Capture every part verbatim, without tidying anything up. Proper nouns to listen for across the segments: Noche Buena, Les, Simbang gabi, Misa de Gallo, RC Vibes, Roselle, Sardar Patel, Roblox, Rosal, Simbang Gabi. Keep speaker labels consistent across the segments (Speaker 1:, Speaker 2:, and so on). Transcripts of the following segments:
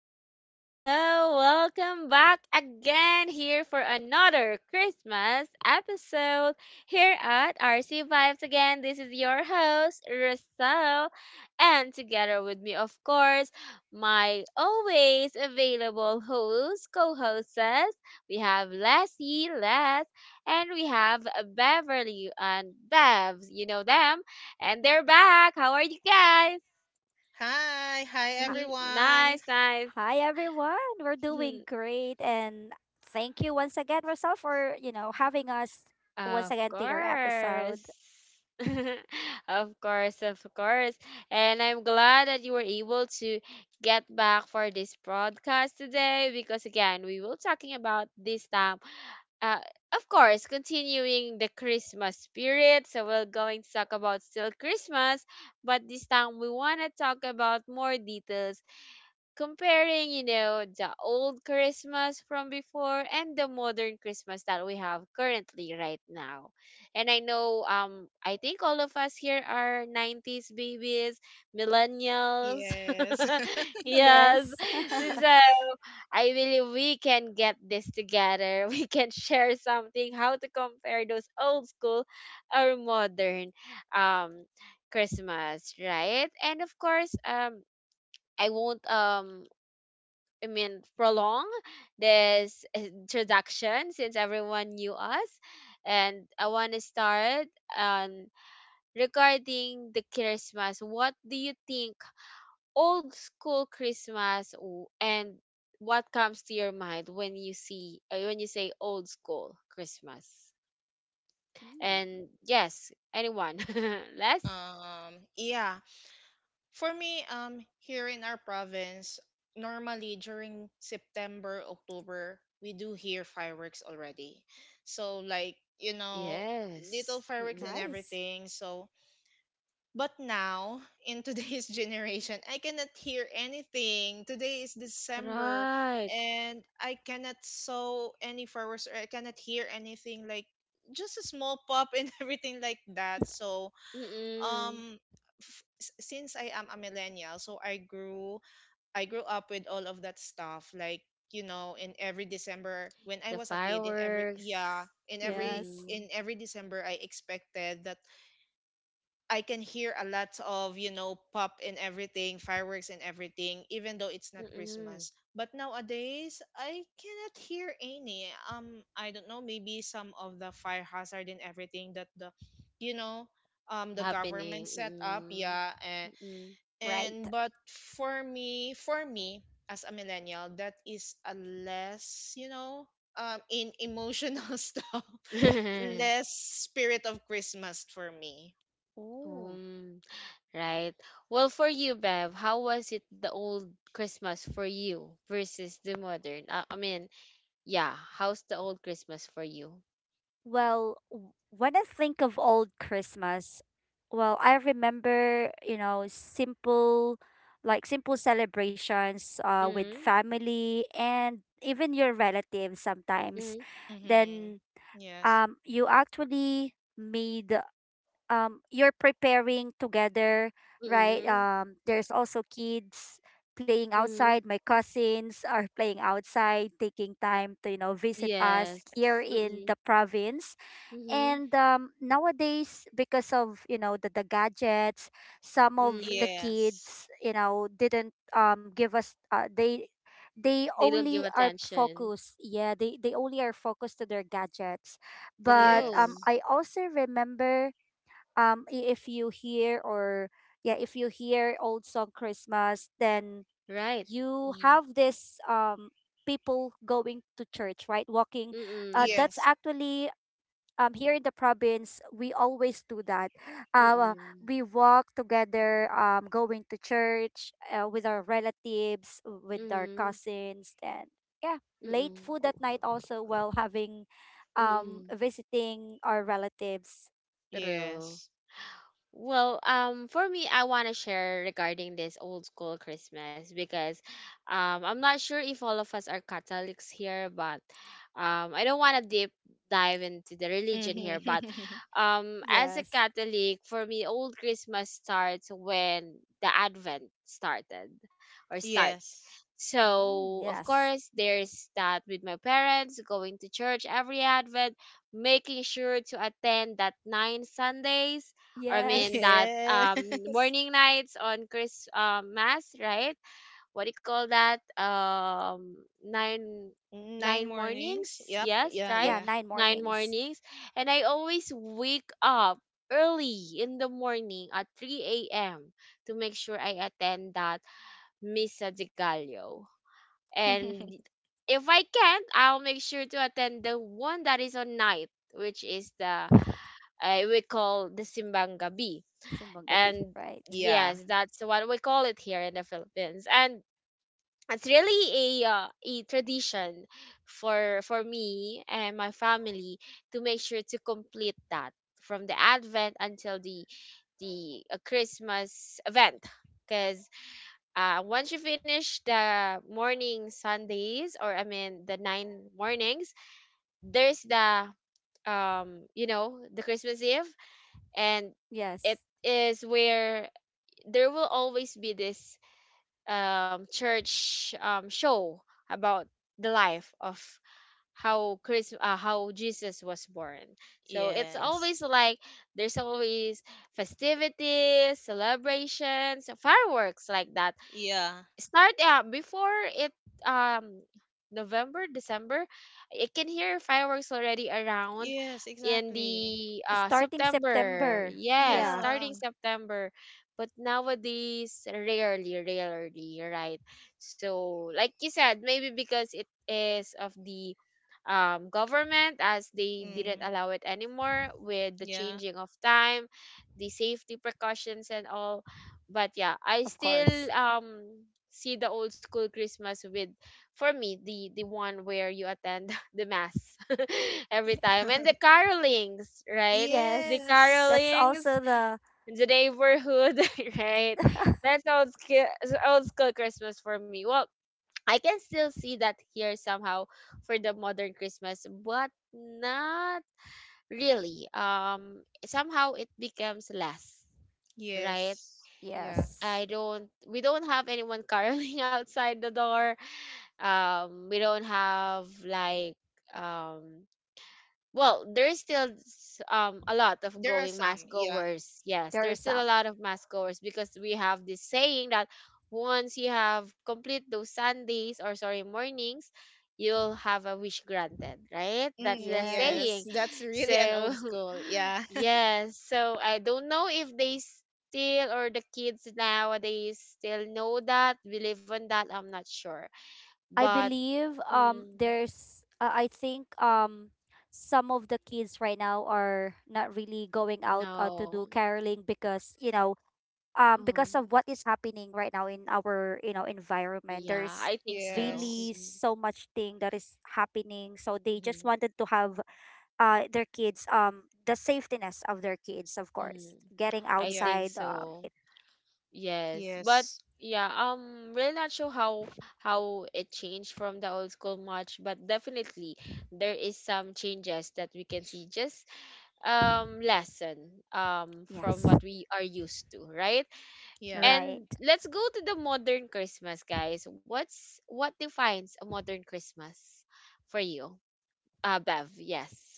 Speaker 1: Hello, hello, welcome back again here for another Christmas episode here at R C Vibes. Again, this is your host, Russell, and together with me, of course, my always available host, co hosts, we have Lassie, Les, and we have Beverly and Bevs. You know them, and they're back. How are you guys?
Speaker 2: Hi, hi
Speaker 3: Uh,
Speaker 2: everyone.
Speaker 1: Nice, nice.
Speaker 3: Hi everyone. We're doing great and thank you once again Rosal for, you know, having us once
Speaker 1: Of
Speaker 3: again to your
Speaker 1: course.
Speaker 3: episode.
Speaker 1: Of course, of course. And I'm glad that you were able to get back for this broadcast today because again, we will talking about this time. Uh, of course, continuing the Christmas spirit. So we're going to talk about still Christmas, but this time we want to talk about more details comparing, you know, the old Christmas from before and the modern Christmas that we have currently right now. And I know um I think all of us here are nineties babies, millennials.
Speaker 2: Yes.
Speaker 1: Yes.
Speaker 3: Yes.
Speaker 1: So I believe we can get this together. We can share something how to compare those old school or modern um Christmas, right? And of course, um I won't um I mean, prolong this introduction since everyone knew us. And I want to start um, regarding the Christmas. What do you think old school Christmas w- and what comes to your mind when you see uh, when you say old school Christmas?
Speaker 3: Mm,
Speaker 1: And yes, anyone? Les?
Speaker 2: um yeah, for me um here in our province, normally during September, October, we do hear fireworks already. So like, you know, little
Speaker 1: Yes.
Speaker 2: fireworks and
Speaker 1: Mm-mm.
Speaker 3: nice.
Speaker 2: everything. So. But now, in today's generation, I cannot hear anything. Today is December
Speaker 1: Right.
Speaker 2: and I cannot sow any flowers or I cannot hear anything like just a small pop and everything like that. So,
Speaker 1: Mm-mm.
Speaker 2: um f- s- since I am a millennial, so I grew I grew up with all of that stuff. Like you know in every December when I
Speaker 1: The
Speaker 2: was a kid, in every
Speaker 1: fireworks.
Speaker 2: yeah, in every
Speaker 3: Yes.
Speaker 1: Mm-mm.
Speaker 2: in every December I expected that I can hear a lot of, you know, pop and everything, fireworks and everything, even though it's not
Speaker 1: Mm,
Speaker 2: Christmas. But nowadays, I cannot hear any. Um, I don't know, maybe some of the fire hazard and everything that the, you know, um, the government
Speaker 1: happening.
Speaker 2: set up.
Speaker 1: Mm,
Speaker 2: Yeah, and
Speaker 1: mm.
Speaker 2: and
Speaker 3: Right.
Speaker 2: but for me, for me as a millennial, that is a less, you know, um, in emotional stuff, less spirit of Christmas for me.
Speaker 3: Oh.
Speaker 1: Mm, right. Well, for you, Bev, how was it the old Christmas for you versus the modern? Uh, I mean, yeah, how's the old Christmas for you?
Speaker 3: Well, w- when I think of old Christmas, well, I remember, you know, simple, like simple celebrations uh, with
Speaker 1: Mm,
Speaker 3: family and even your relatives sometimes.
Speaker 1: mm,
Speaker 2: Mm-hmm.
Speaker 3: Then
Speaker 2: Yes.
Speaker 3: um you actually made um you're preparing together, right.
Speaker 1: mm,
Speaker 3: Um there's also kids playing
Speaker 1: mm.
Speaker 3: outside, my cousins are playing outside, taking time to you know visit us
Speaker 1: Yes.
Speaker 3: here in
Speaker 1: Mm,
Speaker 3: the province.
Speaker 1: mm,
Speaker 3: And um, nowadays, because of you know the, the gadgets, some of
Speaker 1: mm.
Speaker 3: the
Speaker 2: Yes.
Speaker 3: kids, you know didn't um, give us uh, they they
Speaker 1: They don't
Speaker 3: only
Speaker 1: give
Speaker 3: are
Speaker 1: attention.
Speaker 3: focused yeah they, they only are focused to their gadgets. But um,
Speaker 1: True.
Speaker 2: Yes.
Speaker 3: I also remember, um, i- if you hear or, yeah, if you hear old song Christmas, then
Speaker 1: Right.
Speaker 3: you
Speaker 1: Mm,
Speaker 3: have this, um, people going to church, right, walking. Uh,
Speaker 1: mm,
Speaker 3: that's
Speaker 2: Yes.
Speaker 3: actually, um, here in the province, we always do that. Uh,
Speaker 1: mm,
Speaker 3: we walk together, um, going to church uh, with our relatives, with our
Speaker 1: mm,
Speaker 3: cousins, and yeah,
Speaker 1: mm,
Speaker 3: late
Speaker 1: mm.
Speaker 3: food
Speaker 1: Oh,
Speaker 3: at night also while having, um,
Speaker 1: mm.
Speaker 3: visiting our relatives.
Speaker 1: True.
Speaker 2: Yes.
Speaker 1: Well, um, for me, I want to share regarding this old school Christmas because, um, I'm not sure if all of us are Catholics here, but, um, I don't want to deep dive into the religion here, but,
Speaker 2: Mm-hmm.
Speaker 1: um, as a
Speaker 3: Yes.
Speaker 1: Catholic, for me, old Christmas starts when the Advent started or starts.
Speaker 2: Yes.
Speaker 3: Mm,
Speaker 1: So, of
Speaker 3: yes.
Speaker 1: course, there's that with my parents going to church every Advent, making sure to attend that nine Sundays I mean
Speaker 3: Yes.
Speaker 1: that um
Speaker 2: Yes.
Speaker 1: morning nights on Chris um mass, right? What do you call that? Um nine
Speaker 2: Nine
Speaker 1: nine
Speaker 2: mornings.
Speaker 1: mornings,
Speaker 2: Yep.
Speaker 1: yes,
Speaker 2: Yeah.
Speaker 1: right?
Speaker 3: Yeah,
Speaker 2: Yeah.
Speaker 3: nine
Speaker 1: Nine
Speaker 3: mornings.
Speaker 1: mornings. And I always wake up early in the morning at three a m to make sure I attend that Misa de Gallo. And if I can't, I'll make sure to attend the one that is on night, which is the uh, we call the Simbang Gabi
Speaker 3: Simbang Gabi,
Speaker 1: and
Speaker 3: right?
Speaker 2: Yeah.
Speaker 1: yes, that's what we call it here in the Philippines. And it's really a uh, a tradition for for me and my family to make sure to complete that from the Advent until the the uh, Christmas event. Because uh, once you finish the morning Sundays, or I mean the nine mornings, there's the um you know the Christmas Eve, and it
Speaker 3: Yes.
Speaker 1: is where there will always be this um, church um, show about the life of how Chris, uh, how Jesus was born. So it's
Speaker 3: Yeah.
Speaker 2: Yes.
Speaker 1: always like there's always festivities, celebrations, fireworks like that
Speaker 2: Yeah.
Speaker 1: start yeah before it um november december I can hear fireworks already around
Speaker 2: Yes,
Speaker 1: in
Speaker 2: exactly.
Speaker 1: the uh
Speaker 3: Starting
Speaker 1: september
Speaker 3: September.
Speaker 1: yes
Speaker 3: Yeah,
Speaker 2: Yeah.
Speaker 1: starting september, but nowadays rarely, rarely, right? So like you said, maybe because it is of the um, government as they didn't
Speaker 2: Mm,
Speaker 1: allow it anymore with the
Speaker 2: yeah.
Speaker 1: changing of time, the safety precautions and all. But yeah, I
Speaker 3: of
Speaker 1: still
Speaker 3: course.
Speaker 1: um see the old school Christmas with for me the the one where you attend the mass every time and the carolings, right? The
Speaker 3: Yes. That's
Speaker 2: Yes.
Speaker 1: carolings,
Speaker 3: also the—
Speaker 1: the neighborhood, right? That's old school old school Christmas for me. Well, I can still see that here somehow for the modern Christmas, but not really. Um, somehow it becomes less, right?
Speaker 2: Yes. Yeah.
Speaker 3: yes,
Speaker 1: I don't. We don't have anyone caroling outside the door. Um, we don't have like um well, there's still s- um a lot of
Speaker 2: There are
Speaker 1: going mass
Speaker 2: some. Yeah.
Speaker 1: goers. Yes,
Speaker 3: there are
Speaker 1: there's still a
Speaker 3: some.
Speaker 1: lot of mass goers because we have this saying that once you have complete those Sundays or sorry mornings, you'll have a wish granted, right? That's
Speaker 2: Mm,
Speaker 1: the saying.
Speaker 2: yes.
Speaker 3: Yes,
Speaker 2: That's really
Speaker 1: So
Speaker 2: an old school. Yeah.
Speaker 1: yes, so I don't know if they still or the kids nowadays still know that, believe in that. I'm not sure,
Speaker 3: I
Speaker 1: but
Speaker 3: believe um
Speaker 1: mm,
Speaker 3: there's uh, I think um some of the kids right now are not really going out uh, to do
Speaker 1: no.
Speaker 3: caroling because you know um because
Speaker 1: Mm.
Speaker 3: of what is happening right now in our, you know environment.
Speaker 1: Yeah,
Speaker 3: There's
Speaker 1: I think so.
Speaker 3: really
Speaker 2: Yes.
Speaker 3: so much thing that is happening, so they just
Speaker 1: Mm-hmm.
Speaker 3: wanted to have uh their kids, um the safetiness of their kids, of course,
Speaker 1: Mm-hmm.
Speaker 3: getting
Speaker 1: I
Speaker 2: Yep.
Speaker 1: think
Speaker 3: outside. Um,
Speaker 1: so. Yes, but
Speaker 2: Yes.
Speaker 1: yeah, um, really not sure how how it changed from the old school much, but definitely there is some changes that we can see. Just um, lesson um from
Speaker 3: yes,
Speaker 1: what we are used to, right?
Speaker 2: Yeah.
Speaker 1: And
Speaker 3: right.
Speaker 1: let's go to the modern Christmas, guys. What's what defines a modern Christmas for you? Uh, Bev, yes.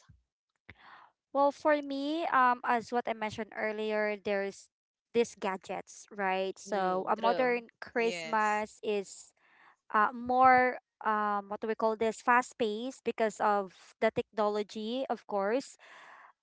Speaker 3: Well, for me, um, as what I mentioned earlier, there's these gadgets, right? So
Speaker 1: Mm,
Speaker 3: a
Speaker 1: true.
Speaker 3: modern
Speaker 2: Yes.
Speaker 3: Christmas is uh, more, um, what do we call this? Fast paced because of the technology, of course.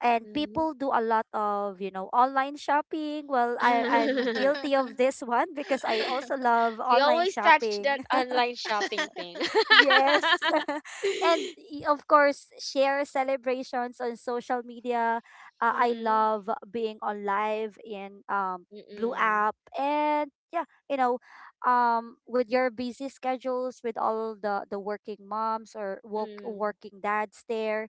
Speaker 3: And
Speaker 1: Mm-hmm.
Speaker 3: people do a lot of, you know, online shopping. Well, I, I'm guilty of this one because I also love
Speaker 1: We
Speaker 3: online
Speaker 1: always touch that
Speaker 3: shopping.
Speaker 1: online shopping thing.
Speaker 3: Yes. And y- of course, share celebrations on social media. Uh, I
Speaker 1: Mm,
Speaker 3: love being on live in um Blue
Speaker 1: mm-mm,
Speaker 3: app and yeah, you know, um with your busy schedules, with all the the working moms or work,
Speaker 1: mm,
Speaker 3: working dads there,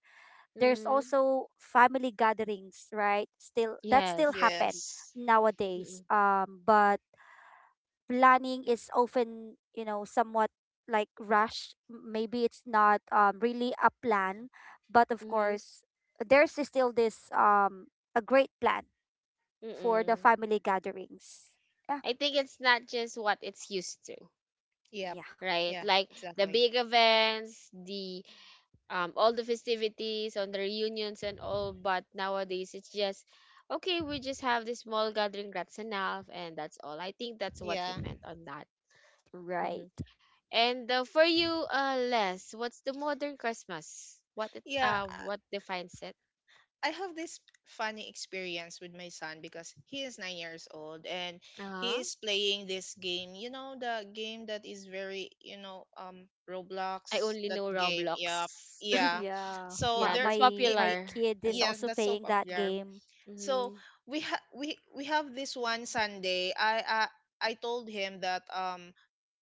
Speaker 3: there's
Speaker 1: mm,
Speaker 3: also family gatherings, right? Still that still
Speaker 1: yes.
Speaker 3: happen
Speaker 2: Yes.
Speaker 3: nowadays.
Speaker 1: Mm-mm,
Speaker 3: Um but planning is often, you know, somewhat like rush. M- maybe it's not um, really a plan, but of
Speaker 1: mm,
Speaker 3: course there's still this um a great plan for the
Speaker 1: mm-mm.
Speaker 3: family gatherings, yeah,
Speaker 1: I think it's not just what it's used to,
Speaker 2: Yep.
Speaker 3: yeah,
Speaker 1: right?
Speaker 2: Yeah,
Speaker 1: Like the
Speaker 2: exactly.
Speaker 1: big events, the um, all the festivities, on the reunions and all. But nowadays, it's just okay. We just have this small gathering. That's enough, and that's all. I think that's what you
Speaker 2: Yeah.
Speaker 1: meant on that.
Speaker 3: right,
Speaker 1: Mm-hmm. And uh, for you, uh, Les, what's the modern Christmas? What it,
Speaker 2: Yeah,
Speaker 1: uh, what defines it?
Speaker 2: I I have this funny experience with my son because he is nine years old and he
Speaker 1: Uh,
Speaker 2: is playing this game. You know, the game that is very, you know, um,
Speaker 1: I
Speaker 2: Roblox,
Speaker 1: only
Speaker 2: that
Speaker 1: know
Speaker 2: game. Yep.
Speaker 1: Roblox.
Speaker 2: Yeah.
Speaker 3: yeah.
Speaker 2: So
Speaker 3: my
Speaker 1: Yeah,
Speaker 2: there,
Speaker 1: that's
Speaker 3: my
Speaker 2: it,
Speaker 3: my
Speaker 2: it,
Speaker 1: popular.
Speaker 3: kid is
Speaker 1: And
Speaker 2: yes,
Speaker 3: also
Speaker 2: that's so
Speaker 3: playing that
Speaker 2: popular.
Speaker 3: game.
Speaker 2: So
Speaker 1: mm-hmm,
Speaker 2: we ha we we have this one Sunday. I I I told him that um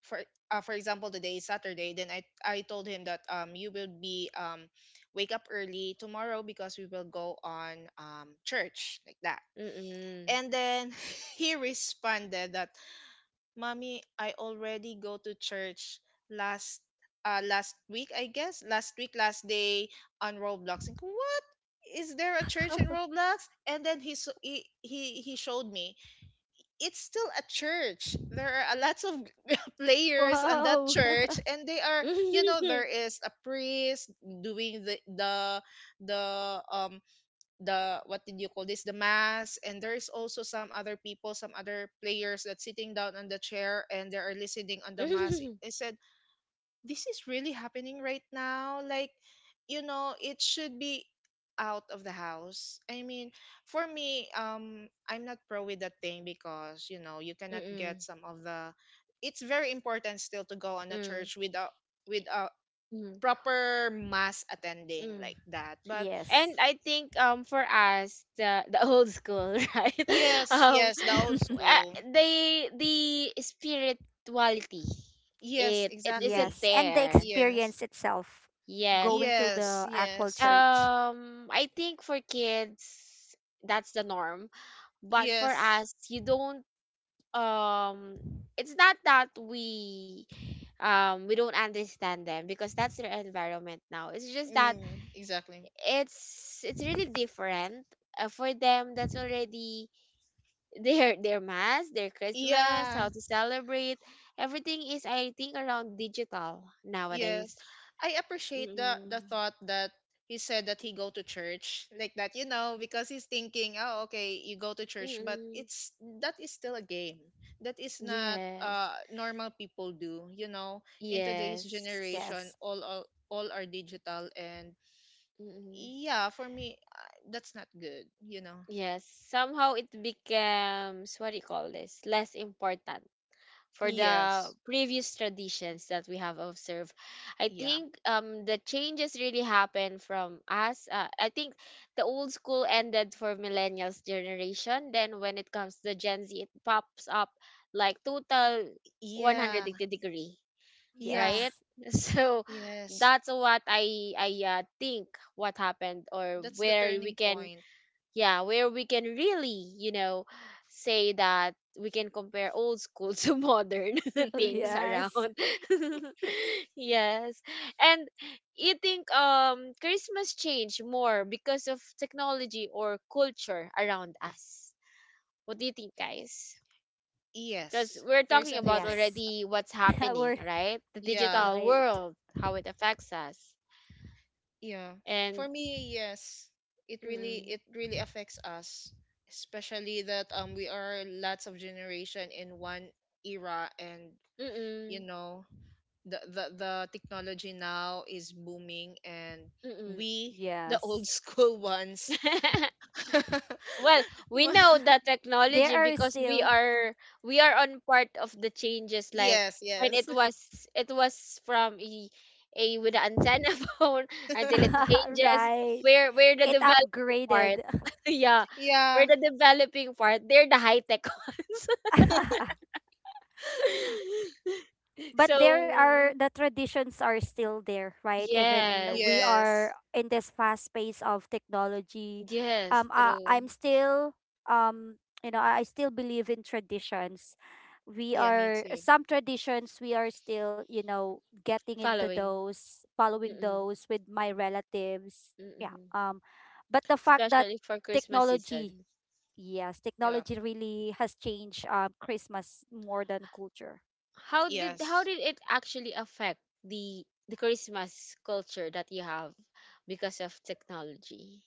Speaker 2: for uh, for example today is Saturday. Then I I told him that um you will be um wake up early tomorrow because we will go on um church like that.
Speaker 1: mm-mm.
Speaker 2: And then he responded that, "Mommy, I already go to church last uh last week, I guess last week, last day on Roblox." And is there a church in Roblox? And then he s- he he, he showed me it's still a church. There are a lots of players on that
Speaker 3: Wow.
Speaker 2: church, and they are, you know
Speaker 1: mm-mm,
Speaker 2: there is a priest doing the the the um the what did you call this, the mass, and there is also some other people, some other players that sitting down on the chair and they are listening on the mass. I said this is really happening right now, like you know it should be out of the house. I mean, for me, um I'm not pro with that thing because, you know you cannot get
Speaker 1: mm-mm,
Speaker 2: some of the, it's very important still to go on a
Speaker 1: mm-mm.
Speaker 2: church with a with a
Speaker 1: Mm.
Speaker 2: proper mass attending
Speaker 1: Mm.
Speaker 2: like that but.
Speaker 3: Yes.
Speaker 1: And I think um for us the the old school right
Speaker 2: Yes,
Speaker 1: um
Speaker 2: yes, the old
Speaker 1: uh,
Speaker 2: school.
Speaker 1: the the spirituality
Speaker 2: Yes,
Speaker 1: it it isn't
Speaker 2: exactly.
Speaker 3: Yes, and the
Speaker 1: there.
Speaker 2: Yes,
Speaker 3: experience itself,
Speaker 1: Yes,
Speaker 3: going to
Speaker 2: yes,
Speaker 3: the actual
Speaker 2: yes,
Speaker 3: church.
Speaker 1: Um, I think for kids that's the norm, but for
Speaker 2: yes.
Speaker 1: us, you don't. Um, it's not that we, um, we don't understand them because that's their environment now. It's just that
Speaker 2: Mm, exactly.
Speaker 1: it's it's really different. Uh, for them, that's already their their mass, their Christmas,
Speaker 2: Yeah.
Speaker 1: how to celebrate. Everything is, I think, around digital
Speaker 2: Yes.
Speaker 1: nowadays.
Speaker 2: I appreciate the the
Speaker 1: Mm-mm.
Speaker 2: thought that he said that he go to church like that, you know, because he's thinking, oh, okay, you go to church, but
Speaker 1: Mm-mm.
Speaker 2: it's that is still a game. That is not
Speaker 1: Yes.
Speaker 2: uh normal people do, you know. In today's
Speaker 1: Yes.
Speaker 2: generation,
Speaker 3: Yes,
Speaker 2: all all, all are digital and
Speaker 1: Mm-mm.
Speaker 2: yeah, for me uh, that's not good, you know.
Speaker 1: Yes. Somehow it becomes, what do you call this? Less important for the
Speaker 2: Yes.
Speaker 1: previous traditions that we have observed. I
Speaker 2: Yeah.
Speaker 1: think um the changes really happen from us. Uh, I think the old school ended for millennials generation. Then when it comes to Gen Z, it pops up like total
Speaker 2: Yeah.
Speaker 1: one eighty degree
Speaker 2: Yeah.
Speaker 1: right?
Speaker 3: yes.
Speaker 1: So
Speaker 2: Yes.
Speaker 1: that's what I I uh, think what happened or
Speaker 2: That's the
Speaker 1: where we
Speaker 2: turning
Speaker 1: can
Speaker 2: point.
Speaker 1: yeah where we can really you know say that we can compare old school to modern
Speaker 3: Oh,
Speaker 1: things
Speaker 3: yes.
Speaker 1: around yes. And you think um christmas changed more because of technology or culture around us, what do you think guys, because
Speaker 2: Yes.
Speaker 1: we're
Speaker 2: There's
Speaker 1: talking
Speaker 2: an
Speaker 1: about
Speaker 2: effect.
Speaker 3: Yes.
Speaker 1: already what's happening,
Speaker 3: We're—
Speaker 1: right? The
Speaker 2: Yeah,
Speaker 1: digital
Speaker 3: right.
Speaker 1: world, how it affects us,
Speaker 2: yeah. For
Speaker 1: and
Speaker 2: me, yes, it really
Speaker 1: mm-mm,
Speaker 2: it really affects us, especially that um we are lots of generation in one era, and, you
Speaker 1: mm-mm,
Speaker 2: know the the the technology now is booming, and
Speaker 1: mm-mm.
Speaker 2: we, the old
Speaker 3: Yes.
Speaker 2: school ones.
Speaker 1: Well, we
Speaker 2: Ma-
Speaker 1: know the
Speaker 3: There
Speaker 1: technology
Speaker 3: are
Speaker 1: because we
Speaker 3: still—
Speaker 1: are we are on part of the changes. Like
Speaker 2: yes,
Speaker 1: when
Speaker 2: yes.
Speaker 1: it was it was from a, a with the antenna phone until it changes.
Speaker 3: right.
Speaker 1: We're we're the
Speaker 3: It
Speaker 1: developing part.
Speaker 3: upgraded.
Speaker 1: Yeah, we're
Speaker 2: Yeah,
Speaker 1: the developing part. They're the high tech ones.
Speaker 3: But there are—
Speaker 1: So
Speaker 3: the traditions are still there, right, even we
Speaker 1: yes,
Speaker 3: are
Speaker 2: yes.
Speaker 3: in this fast pace of technology.
Speaker 1: yes,
Speaker 3: um I,
Speaker 1: true.
Speaker 3: I'm still, um you know i I still believe in traditions. We
Speaker 2: Yeah, me
Speaker 3: are—
Speaker 2: too.
Speaker 3: some traditions we are still, you know, getting into
Speaker 1: Following,
Speaker 3: those, following
Speaker 1: mm-mm,
Speaker 3: those with my relatives, yeah.
Speaker 1: mm-mm,
Speaker 3: Um but the fact that
Speaker 1: especially for Christmas
Speaker 3: technology—
Speaker 1: season.
Speaker 3: yes,
Speaker 2: Yeah.
Speaker 3: technology really has changed um Christmas more than culture.
Speaker 1: How did how
Speaker 2: Yes.
Speaker 1: did it actually affect the the Christmas culture that you have because of technology?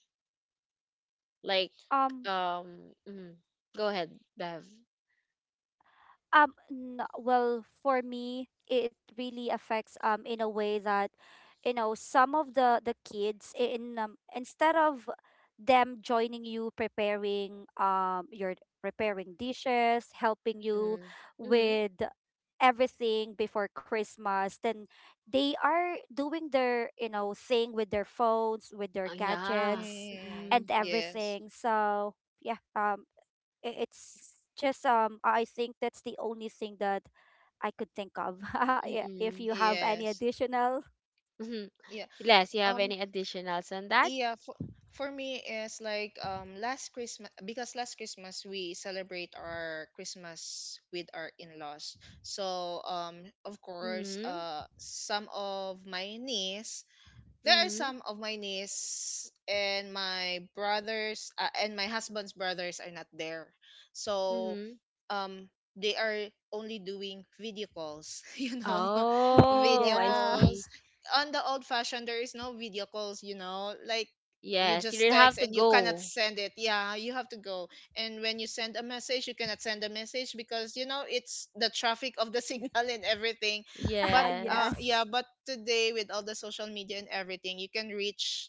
Speaker 1: Like,
Speaker 3: um
Speaker 1: um, mm, go ahead, Bev.
Speaker 3: Um, n- well, for me, it really affects um in a way that, you know, some of the the kids in um, instead of them joining you, preparing um your— preparing dishes, helping you
Speaker 1: Mm, mm-hmm.
Speaker 3: with everything before Christmas, then they are doing their, you know, thing with their phones, with their
Speaker 1: Oh, yeah.
Speaker 3: gadgets
Speaker 2: Mm,
Speaker 1: Mm-mm,
Speaker 3: and
Speaker 2: yes.
Speaker 3: everything. So, yeah, um i- it's just um I think that's the only thing that I could think of. Yeah, if
Speaker 1: mm-mm.
Speaker 3: you have any
Speaker 2: Yes.
Speaker 3: additional—
Speaker 1: mm.
Speaker 2: Yeah.
Speaker 1: Les, you have
Speaker 2: Um
Speaker 1: any additionals on that?
Speaker 2: Yeah, for, for me is like um last Christmas because last Christmas we celebrate our Christmas with our in-laws. So um of course
Speaker 1: Mm-hmm.
Speaker 2: uh some of my niece there are
Speaker 1: Mm-hmm.
Speaker 2: some of my niece and my brothers, uh, and my husband's brothers are not there, so
Speaker 1: Mm-hmm.
Speaker 2: um they are only doing video calls you know
Speaker 3: mm,
Speaker 1: Oh,
Speaker 2: video
Speaker 1: I
Speaker 3: yeah,
Speaker 1: see.
Speaker 2: calls. On the old fashioned there is no video calls, you know like you
Speaker 1: Yes,
Speaker 2: just
Speaker 1: you'll
Speaker 2: text
Speaker 1: have to
Speaker 2: and you cannot
Speaker 1: go.
Speaker 2: send it, yeah, you have to go. And when you send a message you cannot send a message because, you know it's the traffic of the signal and everything. But uh
Speaker 1: Yes,
Speaker 2: yeah,
Speaker 3: yes,
Speaker 2: but today with all the social media and everything you can reach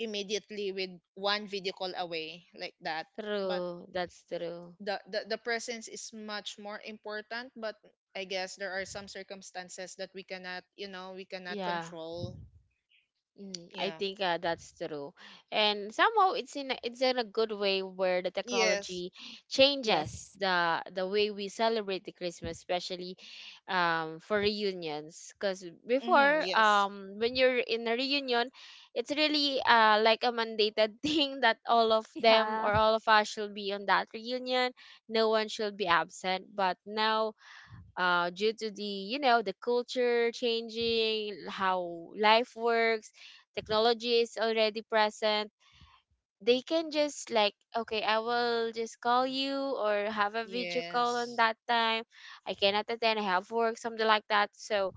Speaker 2: immediately with one video call away like that. But
Speaker 1: true. That's true.
Speaker 2: the, the the presence is much more important. But I guess there are some circumstances that we cannot you know we cannot
Speaker 1: Yeah.
Speaker 2: control.
Speaker 1: Mm, I
Speaker 2: Yeah.
Speaker 1: think uh, that's true, and somehow it's in a, it's in a good way where the
Speaker 2: Yes.
Speaker 1: technology changes
Speaker 3: yes,
Speaker 1: the the way we celebrate the Christmas, especially um, for reunions. Because
Speaker 2: Mm-hmm.
Speaker 1: before,
Speaker 2: Yes,
Speaker 1: um, when you're in a reunion, it's really uh, like a mandated thing that all of them
Speaker 3: yeah,
Speaker 1: or all of us should be on that reunion. No one should be absent. But now uh, due to the you know the culture changing how life works, technology is already present. They can just like okay I will just call you or have a video call on
Speaker 2: yes,
Speaker 1: that time. I cannot attend, I have work, something like that. So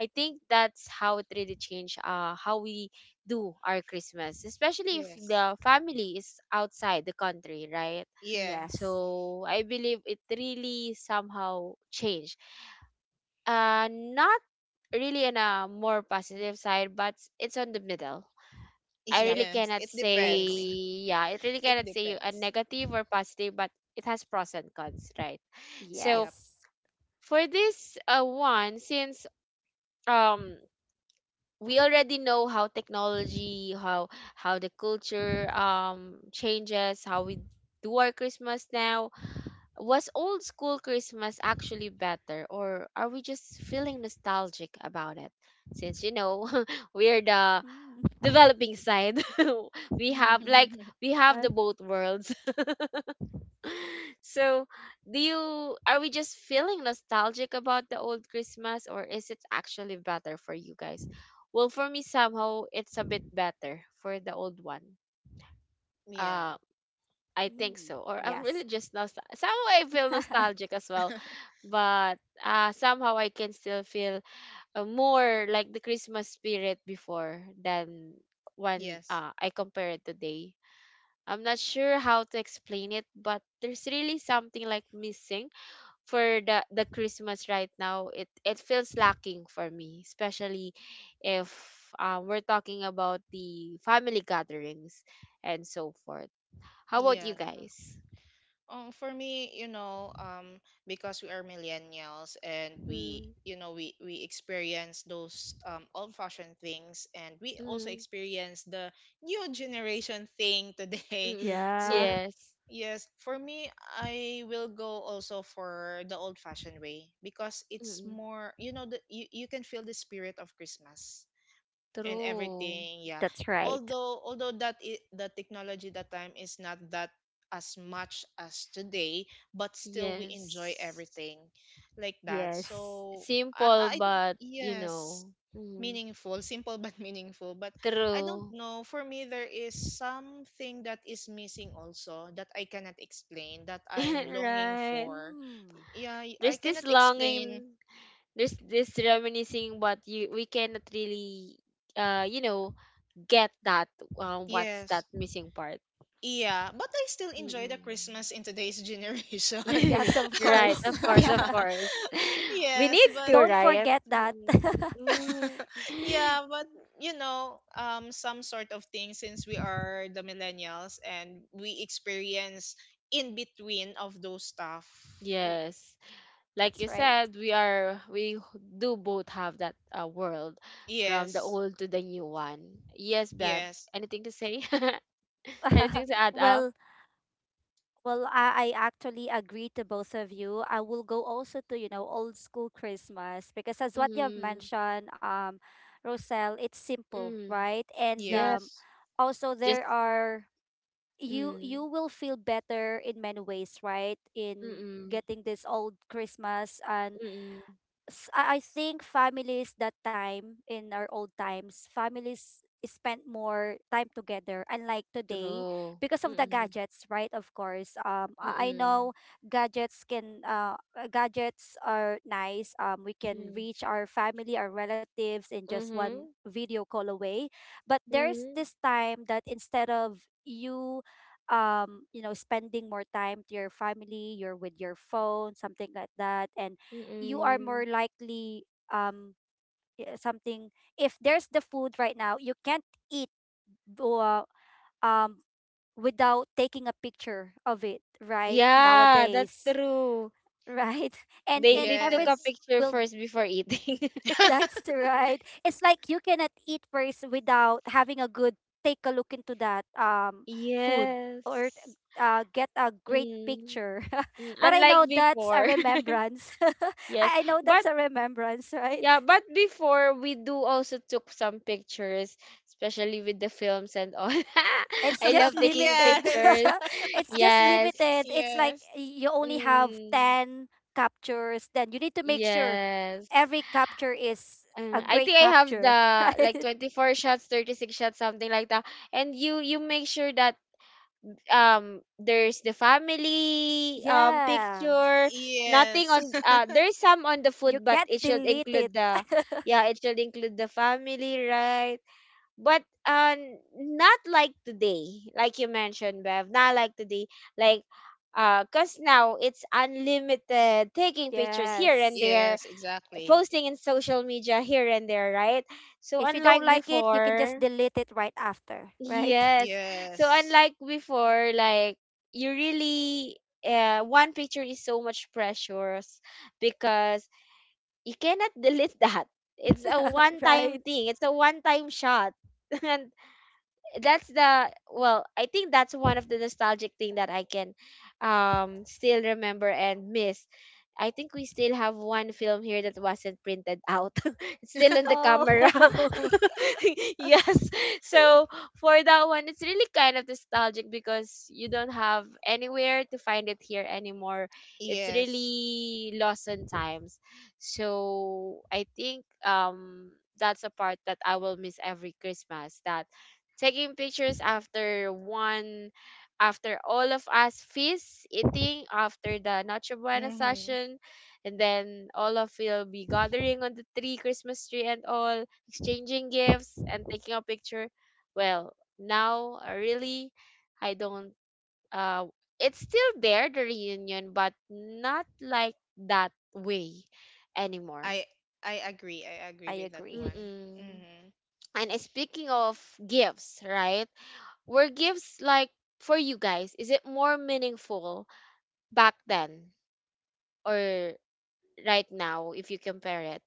Speaker 1: I think that's how it really changed uh, how we do our christmas, especially if
Speaker 2: yes.
Speaker 1: the family is outside the country, right?
Speaker 2: Yeah.
Speaker 3: yes,
Speaker 1: So I believe it really somehow changed uh, not really in a more positive side, but it's on the middle. I
Speaker 3: yep,
Speaker 1: really
Speaker 2: Yes,
Speaker 1: cannot
Speaker 2: it
Speaker 3: I
Speaker 1: say,
Speaker 2: depends.
Speaker 3: agree.
Speaker 1: yeah, it really
Speaker 2: It
Speaker 1: cannot say a
Speaker 2: depends.
Speaker 1: negative or positive, but it has pros and cons, right? So
Speaker 2: Yep.
Speaker 3: Yes,
Speaker 1: for this uh, one, since um we already know how technology, how how the culture um changes, how we do our Christmas now, was old school Christmas actually better, or are we just feeling nostalgic about it? Since you know we're the
Speaker 3: mm,
Speaker 1: developing side, we have like we have the
Speaker 3: yes,
Speaker 1: both worlds. So, do you are we just feeling nostalgic about the old Christmas, or is it actually better for you guys? Well, for me, somehow it's a bit better for the old one.
Speaker 2: Yeah,
Speaker 1: Uh, I think
Speaker 3: mm,
Speaker 1: so. Or I'm
Speaker 3: yes,
Speaker 1: really just nostal somehow I feel nostalgic as well. But uh somehow I can still feel uh, more like the Christmas spirit before than when
Speaker 2: yes.
Speaker 1: uh, I compare it today. I'm not sure how to explain it, but there's really something like missing for the, the Christmas right now. It it feels lacking for me, especially if um, we're talking about the family gatherings and so forth. How about
Speaker 2: Yeah.
Speaker 1: you guys?
Speaker 2: Um, for me, you know, um, because we are millennials and we,
Speaker 1: Mm,
Speaker 2: you know, we we experience those um, old-fashioned things, and we also
Speaker 1: mm,
Speaker 2: experience the new generation thing today.
Speaker 1: mm,
Speaker 3: yeah,
Speaker 2: So,
Speaker 1: yes.
Speaker 2: yes, for me, I will go also for the old-fashioned way because it's
Speaker 1: Mm,
Speaker 2: more, you know, the you, you can feel the spirit of Christmas and
Speaker 1: true.
Speaker 2: everything, yeah.
Speaker 3: that's right.
Speaker 2: Although although that i- the technology that time is not that as much as today, but still we enjoy
Speaker 1: Yes.
Speaker 2: everything like that.
Speaker 3: Yes.
Speaker 2: So i
Speaker 1: Simple,
Speaker 2: i don't,
Speaker 1: but you
Speaker 2: yes,
Speaker 1: know, mm,
Speaker 2: meaningful. Simple but meaningful. But I don't
Speaker 1: true.
Speaker 2: know, for me there is something that is missing also that I cannot explain, that I'm longing
Speaker 1: Right.
Speaker 2: for,
Speaker 3: Mm.
Speaker 2: yeah. I
Speaker 1: There's this
Speaker 2: cannot explain.
Speaker 1: longing, there's this reminiscing, but you we cannot really, uh, you know, get that. Uh, what's that
Speaker 2: Yes.
Speaker 1: missing part?
Speaker 2: Yeah, but I still enjoy the
Speaker 1: Mm-mm.
Speaker 2: Christmas in today's generation.
Speaker 3: Yes, of
Speaker 1: Right.
Speaker 3: course.
Speaker 1: Of course.
Speaker 2: Yeah.
Speaker 1: Of course. We
Speaker 2: Yes,
Speaker 1: need
Speaker 2: but,
Speaker 1: to,
Speaker 3: Don't
Speaker 1: right?
Speaker 3: forget that.
Speaker 1: Mm,
Speaker 2: uh,
Speaker 1: mm.
Speaker 2: yeah, but, you know, um some sort of thing since we are the millennials and we experience in between of those stuff. W-
Speaker 1: Yes. Like
Speaker 3: That's
Speaker 1: you
Speaker 3: right.
Speaker 1: said, we are we do both have that uh, world from the
Speaker 2: Yes.
Speaker 1: old to the new one. Yes, Bev.
Speaker 2: Yes.
Speaker 1: Anything to say? Anything to add up?
Speaker 3: Well, Well, I, I actually agree to both of you. I will go also to, you know, old school Christmas because, as what you have
Speaker 1: Mm.
Speaker 3: mentioned, um, Roselle, it's simple,
Speaker 1: Mm.
Speaker 3: right? And
Speaker 1: Yeah.
Speaker 3: um,
Speaker 2: Yes.
Speaker 3: also
Speaker 1: Just
Speaker 3: there are— you you
Speaker 1: mm.
Speaker 3: will feel better in many ways, right? In
Speaker 1: Mm.
Speaker 3: getting this old Christmas. And
Speaker 1: Mm.
Speaker 3: s- I I think families that time, in our old times, families spent more time together unlike today
Speaker 1: True.
Speaker 3: because of the
Speaker 1: Mm.
Speaker 3: gadgets, right, of course. um i I
Speaker 1: Mm.
Speaker 3: know gadgets can uh uh, gadgets are nice. Um we can
Speaker 1: Mm.
Speaker 3: reach our family, our relatives, in just one
Speaker 1: Mm-hmm.
Speaker 3: video call away. But there's
Speaker 1: Mm.
Speaker 3: this time that instead of you, um you know spending more time to your family, you're with your phone, something like that. And you are
Speaker 1: Mm.
Speaker 3: more likely— um y- something if there's the food right now, you can't eat uh, um without taking a picture of it, right,
Speaker 1: Yeah, that's
Speaker 3: nowadays,
Speaker 1: true.
Speaker 3: right? and
Speaker 1: They
Speaker 3: and
Speaker 1: they took a
Speaker 2: Yes.
Speaker 3: everything
Speaker 1: picture
Speaker 3: will be—
Speaker 1: first before eating.
Speaker 3: that's right, it's like you cannot eat first without having a good— take a look into that, um food, or
Speaker 1: Yes.
Speaker 3: uh, get a great
Speaker 1: Mm,
Speaker 3: picture.
Speaker 1: mm,
Speaker 3: But I
Speaker 1: Unlike
Speaker 3: know that's a
Speaker 1: before.
Speaker 3: remembrance.
Speaker 1: Yes.
Speaker 3: I I know
Speaker 1: But
Speaker 3: that's a remembrance, right?
Speaker 1: yeah, but before we do also took some pictures, especially with the films and all.
Speaker 3: It's
Speaker 1: I
Speaker 3: just
Speaker 1: love taking
Speaker 3: limited.
Speaker 2: Yes.
Speaker 1: pictures.
Speaker 3: It's just
Speaker 1: Yes.
Speaker 3: limited. It's like,
Speaker 2: Yes.
Speaker 3: y- you only have
Speaker 1: Mm,
Speaker 3: ten captures, then you need to make sure
Speaker 1: yes.
Speaker 3: every capture is a
Speaker 1: Uh, I
Speaker 3: great
Speaker 1: think I have
Speaker 3: capture,
Speaker 1: the like
Speaker 3: right?
Speaker 1: twenty-four shots, thirty-six shots, something like that. And you you make sure that um there's the family um
Speaker 3: Yeah.
Speaker 1: picture, nothing
Speaker 2: Yes.
Speaker 1: on, uh there's some on the
Speaker 3: You
Speaker 1: food, but
Speaker 3: can't
Speaker 1: it should
Speaker 3: delete it.
Speaker 1: include the, yeah, it should include the family, right? But uh not like today, like you mentioned, Bev, not like today, like, uh because now it's unlimited, taking pictures here and
Speaker 3: Yes.
Speaker 1: there,
Speaker 2: Yes, exactly.
Speaker 1: posting in social media here and there, right? So
Speaker 3: If you don't
Speaker 1: unlike
Speaker 3: like it, you can just
Speaker 1: before.
Speaker 3: delete it right after, right?
Speaker 1: Yes. So
Speaker 2: Yes.
Speaker 1: unlike before, like, you really, uh, one picture is so much precious because you cannot delete that. It's a one
Speaker 3: Right.
Speaker 1: time thing. It's a one time shot. And that's the well, I think that's one of the nostalgic thing that I can um still remember and miss. I think we still have one film here that wasn't printed out. It's still in the
Speaker 3: Oh.
Speaker 1: camera. Yes. So for that one, it's really kind of nostalgic because you don't have anywhere to find it here anymore. It's
Speaker 2: Yes.
Speaker 1: really lost in times. So I think, um that's a part that I will miss every Christmas, that taking pictures after one after all of us feast eating, after the Noche Buena
Speaker 2: Mm-hmm.
Speaker 1: session, and then all of will be gathering on the tree Christmas tree and all, exchanging gifts and taking a picture. Well now, uh, really, I don't uh it's still there, the reunion, but not like that way anymore.
Speaker 2: I I agree. I
Speaker 3: I
Speaker 2: agree with that
Speaker 3: agree.
Speaker 2: one.
Speaker 1: Mm-mm.
Speaker 2: Mm-hmm.
Speaker 1: And speaking of gifts, right? Were gifts like, for you guys, is it more meaningful back then or right now if you compare it?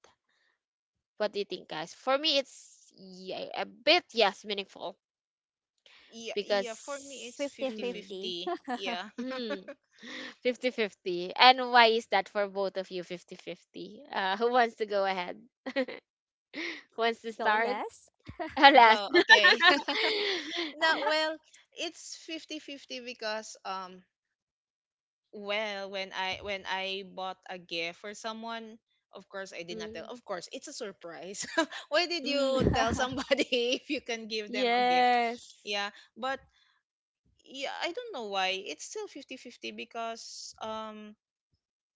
Speaker 1: What do you think, guys? For me, it's, yeah, a bit, yes, meaningful
Speaker 2: Yeah, yeah, for me it's
Speaker 1: because mm,
Speaker 3: Fifty-fifty.
Speaker 2: fifty-fifty. Yeah.
Speaker 1: mm, 50 fifty. And why is that for both of you fifty-fifty? Uh, who wants to go ahead? Who wants to
Speaker 3: Go
Speaker 1: start?
Speaker 3: less.
Speaker 2: Uh,
Speaker 1: Alas.
Speaker 2: Go. Okay. No, well, it's fifty-fifty because, um well, when I when I bought a gift for someone, of course I did not tell.
Speaker 1: Mm,
Speaker 2: Of course, it's a surprise. Why did you
Speaker 1: mm.
Speaker 2: tell somebody if you can give them a gift?
Speaker 1: Yes.
Speaker 2: Yeah, but yeah, I don't know why. It's still fifty-fifty because, um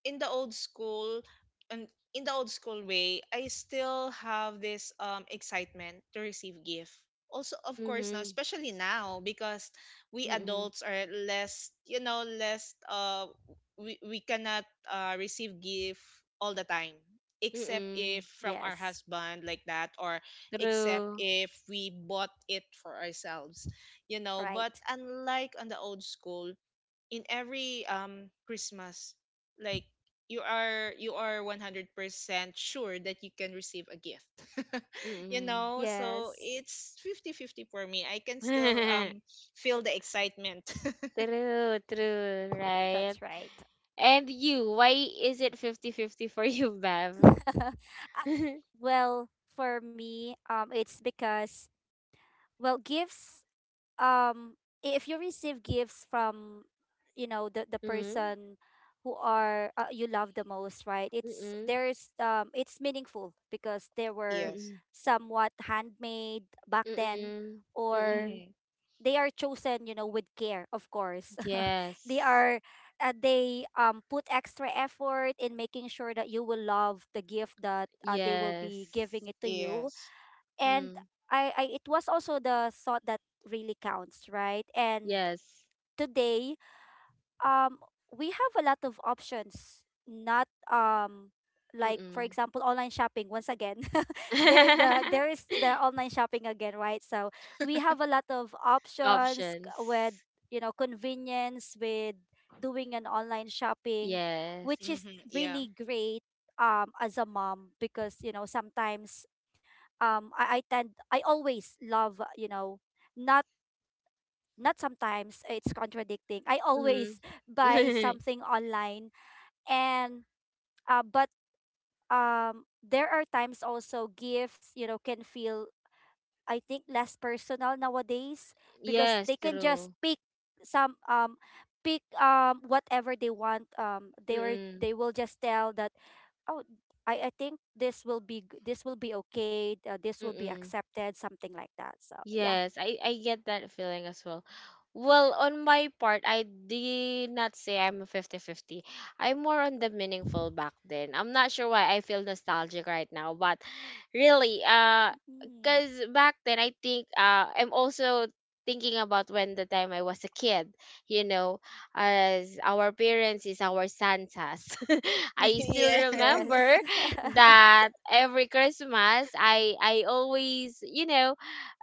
Speaker 2: in the old school, and in the old school way I still have this um excitement to receive gift, also of course now,
Speaker 1: Mhm.
Speaker 2: especially now because we
Speaker 1: Mm.
Speaker 2: adults are less, you know less, uh we, we cannot, uh, receive gift all the time, except
Speaker 1: Mm.
Speaker 2: if from our
Speaker 3: Yes.
Speaker 2: husband like that, or except
Speaker 1: True.
Speaker 2: if we bought it for ourselves, you know but
Speaker 3: Right.
Speaker 2: unlike on the old school. In every um Christmas, like you are you are one hundred percent sure that you can receive a gift. you
Speaker 1: Mm.
Speaker 2: know, so
Speaker 3: Yes.
Speaker 2: it's fifty fifty for me. I can still um feel the excitement.
Speaker 1: True, true, right?
Speaker 3: That's right.
Speaker 1: And you, why is it fifty-fifty for you, Bev?
Speaker 3: I— well, for me, um, it's because, well, gifts. Um, if you receive gifts from, you know, the the
Speaker 1: Mm.
Speaker 3: person who are, uh, you love the most, right? It's—
Speaker 1: Mm.
Speaker 3: there's um, it's meaningful because they were
Speaker 2: Yes.
Speaker 1: Mm.
Speaker 3: somewhat handmade back then,
Speaker 1: Mm.
Speaker 3: or
Speaker 1: Mm.
Speaker 2: Mhm.
Speaker 3: they are chosen, you know, with care, of course. They
Speaker 1: Yes.
Speaker 3: are— uh, they um put extra effort in making sure that you will love the gift that, uh, they will be giving
Speaker 1: Yes.
Speaker 3: it to you.
Speaker 2: Yes.
Speaker 3: And
Speaker 1: Mm.
Speaker 3: I, I it was also the thought that really counts, right? And
Speaker 1: Yes.
Speaker 3: today, um we have a lot of options, not um like, for
Speaker 1: Mm.
Speaker 3: example, online shopping once again. There— the— there is the online shopping again, right? So we have a lot of options, c-
Speaker 1: Options.
Speaker 3: with, you know, convenience with doing an online shopping,
Speaker 1: Yes.
Speaker 3: which is
Speaker 2: Mhm. Yeah.
Speaker 3: really great, um as a mom, because you know, sometimes, um I, I tend— I always love, uh, you know, not— not sometimes, uh, it's contradicting, I
Speaker 1: Mm.
Speaker 3: always buy something online. And uh, but, um there are times also, gifts, you know, can feel— I think less personal nowadays, because
Speaker 1: Yes,
Speaker 3: they can just
Speaker 1: true.
Speaker 3: pick some um pick um whatever they want. Um they were—
Speaker 1: Mm,
Speaker 3: they will just tell that, oh, I I think this will be g- this will be okay, uh, this will be
Speaker 1: mm.
Speaker 3: accepted, something like that, so yeah.
Speaker 1: Yes, I, I get that feeling as well. Well, on my part, I did not say I'm a fifty fifty. I'm more on the meaningful back then. I'm not sure why I feel nostalgic right now, but really, uh,
Speaker 3: Mm.
Speaker 1: because back then, I think, uh, I'm also thinking about when the time I was a kid, you know, as our parents is our Santas. I still
Speaker 2: Yeah.
Speaker 1: remember
Speaker 3: Yes.
Speaker 1: that every Christmas, I I always, you know,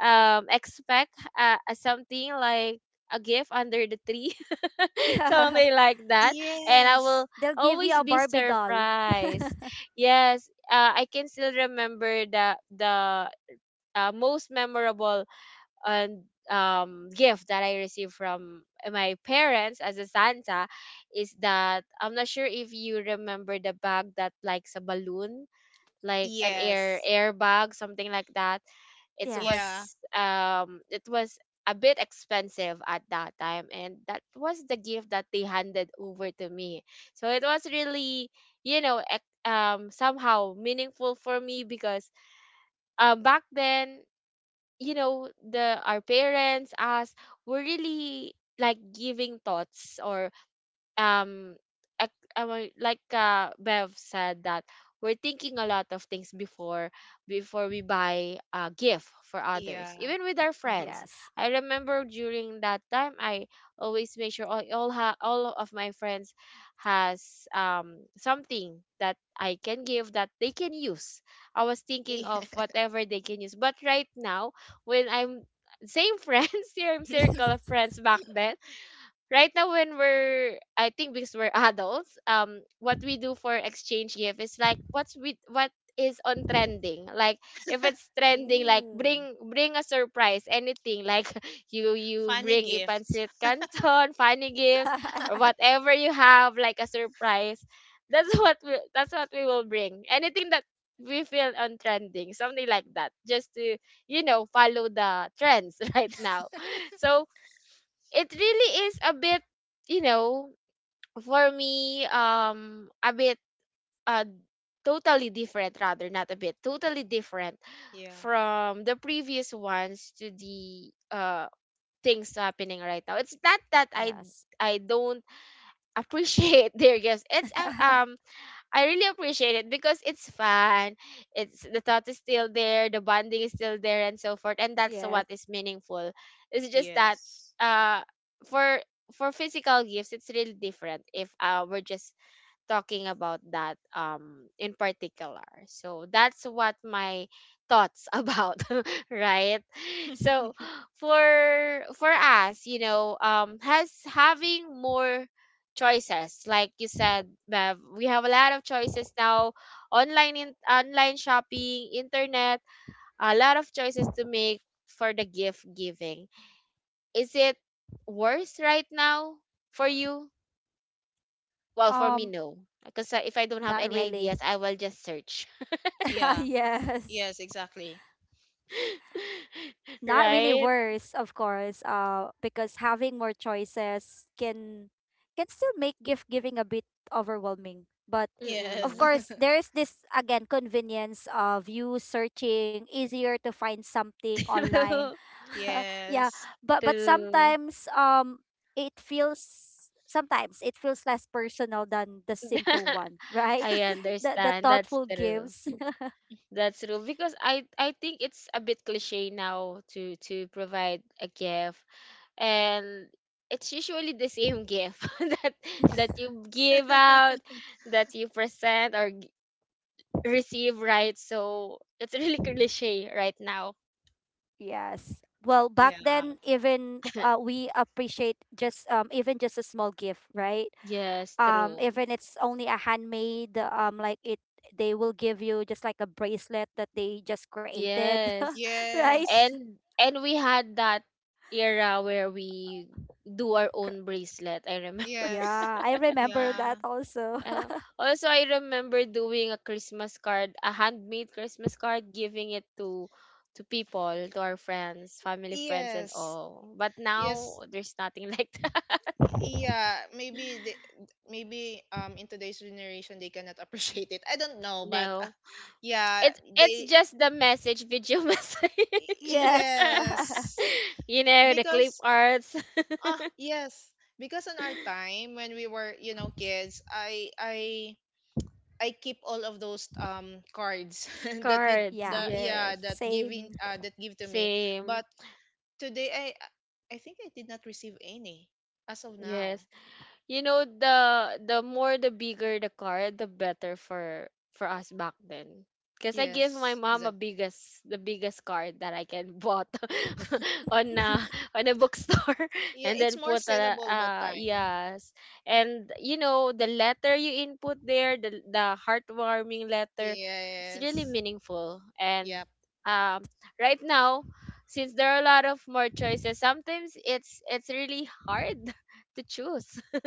Speaker 1: um expect uh, uh, something like a gift under the tree something like that, and I will
Speaker 2: Yes.
Speaker 3: They'll give
Speaker 1: always
Speaker 3: you a
Speaker 1: be
Speaker 3: Barbie doll.
Speaker 1: surprised. Yes. uh, I can still remember the the uh, most memorable and um gift that I received from my parents as a Santa, is that, I'm not sure if you remember, the bag that likes a balloon, like an air
Speaker 2: Yes.
Speaker 1: airbag, something like that. It
Speaker 3: Yes.
Speaker 2: Yeah.
Speaker 1: was um it was a bit expensive at that time, and that was the gift that they handed over to me. So it was really, you know, ex- um somehow meaningful for me because um back then, you know, the our parents us were really like giving thoughts, or um ac- our- like, uh, Bev said that we're thinking a lot of things before before we buy a gift for others,
Speaker 2: Yeah.
Speaker 1: even with our
Speaker 2: Uh-huh.
Speaker 1: friends.
Speaker 3: Yes.
Speaker 1: I remember during that time, I always make sure all all, ha- all of my friends has um something that I can give that they can use. I was thinking
Speaker 2: Yeah.
Speaker 1: of whatever they can use, but right now when I'm same friends, same circle of friends back then, right now when we're, I think because we're adults, um what we do for exchange gift is like, what's with what is on trending, like if it's trending, like,
Speaker 3: Ooh.
Speaker 1: bring bring a surprise, anything, like you you
Speaker 2: Funny
Speaker 1: bring a
Speaker 2: gifts.
Speaker 1: pancit canton, funny gifts, or whatever you have, like a surprise. That's what we, that's what we will bring, anything that we feel on trending, something like that, just to, you know, follow the trends right now. So it really is a bit, you know, for me, um a bit, uh totally different, rather, not a bit, totally different
Speaker 2: Yeah.
Speaker 1: from the previous ones to the uh things happening right now. It's not that i
Speaker 3: Yes.
Speaker 1: i don't appreciate their guests. It's uh, um I really appreciate it because it's fun. It's the thought is still there, the bonding is still there, and so forth. And that's
Speaker 3: Yes.
Speaker 1: what is meaningful. It's just that,
Speaker 2: Yes.
Speaker 1: uh for for physical gifts, it's really different. If, uh we're just talking about that, um in particular, so that's what my thoughts about, right? So, for for us, you know, um has having more choices, like you said, Bev, we have a lot of choices now, online in, online shopping, internet, a lot of choices to make for the gift giving. Is it worse right now for you? Well, for me,
Speaker 3: Um,
Speaker 1: no. Because if I don't have
Speaker 3: not
Speaker 1: any ideas,
Speaker 3: really.
Speaker 1: I will just search.
Speaker 2: Yeah.
Speaker 3: Yes.
Speaker 2: Yes, exactly.
Speaker 3: Not really
Speaker 1: Right?
Speaker 3: worse, of course, uh, because having more choices can— can still make gift giving a bit overwhelming. But
Speaker 2: Yes.
Speaker 3: of
Speaker 1: Mm-mm.
Speaker 3: course, there is this again convenience of you searching, easier to find something online.
Speaker 1: True.
Speaker 3: Yeah,
Speaker 2: Yes.
Speaker 3: but but
Speaker 1: True.
Speaker 3: sometimes um it feels— sometimes it feels less personal than the simple one, right?
Speaker 1: I
Speaker 3: The the
Speaker 1: understand. That's
Speaker 3: thoughtful
Speaker 1: true.
Speaker 3: gifts.
Speaker 1: That's true. Because I I think it's a bit cliche now to to provide a gift, and it's usually the same gift that that you give out, that you present or g- receive, right? So it's really cliche right now.
Speaker 3: Yes. Well, back
Speaker 2: Yeah.
Speaker 3: then, even, uh, we appreciate just, um, even just a small gift, right?
Speaker 1: Yes,
Speaker 3: Um,
Speaker 1: true.
Speaker 3: even it's only a handmade, um, like it, they will give you just like a bracelet that they just created,
Speaker 1: Yes.
Speaker 3: right?
Speaker 2: Yes.
Speaker 1: And and we had that era where we do our
Speaker 3: Cr-
Speaker 1: own bracelet, I remember.
Speaker 2: Yes.
Speaker 3: Yeah, I remember that
Speaker 2: Yeah.
Speaker 3: also.
Speaker 1: Um, Also I remember doing a Christmas card, a handmade Christmas card, giving it to to people, to our friends, family friends and
Speaker 2: Yes.
Speaker 1: all. But now
Speaker 2: Yes.
Speaker 1: there's nothing like that.
Speaker 2: Yeah, maybe the, maybe um in today's generation they cannot appreciate it. I don't know, but, uh,
Speaker 1: No.
Speaker 2: yeah,
Speaker 1: It's it's
Speaker 2: they.
Speaker 1: just the message, video message.
Speaker 3: Yes.
Speaker 2: Yes.
Speaker 1: You know, the clip
Speaker 2: Because,
Speaker 1: arts
Speaker 2: ah yes, because in our time when we were, you know, kids, I I I keep all of those um cards that you,
Speaker 1: cards,
Speaker 3: Yeah,
Speaker 2: the yeah,
Speaker 1: yes.
Speaker 2: that giving
Speaker 3: same.
Speaker 2: uh that give to me.
Speaker 1: Same.
Speaker 2: But today I I think I did not receive any as of
Speaker 1: Yes.
Speaker 2: now.
Speaker 1: You know, the the more, the bigger the car, the better for for us back then, because I give my
Speaker 2: Yes,
Speaker 1: mom a
Speaker 2: exactly.
Speaker 1: biggest the biggest car that I can bought on a on a bookstore,
Speaker 2: Yeah,
Speaker 1: and
Speaker 2: it's
Speaker 1: then
Speaker 2: more
Speaker 1: put a,
Speaker 2: sellable that
Speaker 1: uh
Speaker 2: time.
Speaker 1: yes, and you know, the letter you input there, the the heartwarming letter, it's really
Speaker 2: Yes.
Speaker 1: meaningful. And
Speaker 2: Yeah,
Speaker 1: um right now, since there are a lot of more choices, sometimes it's it's really hard to choose.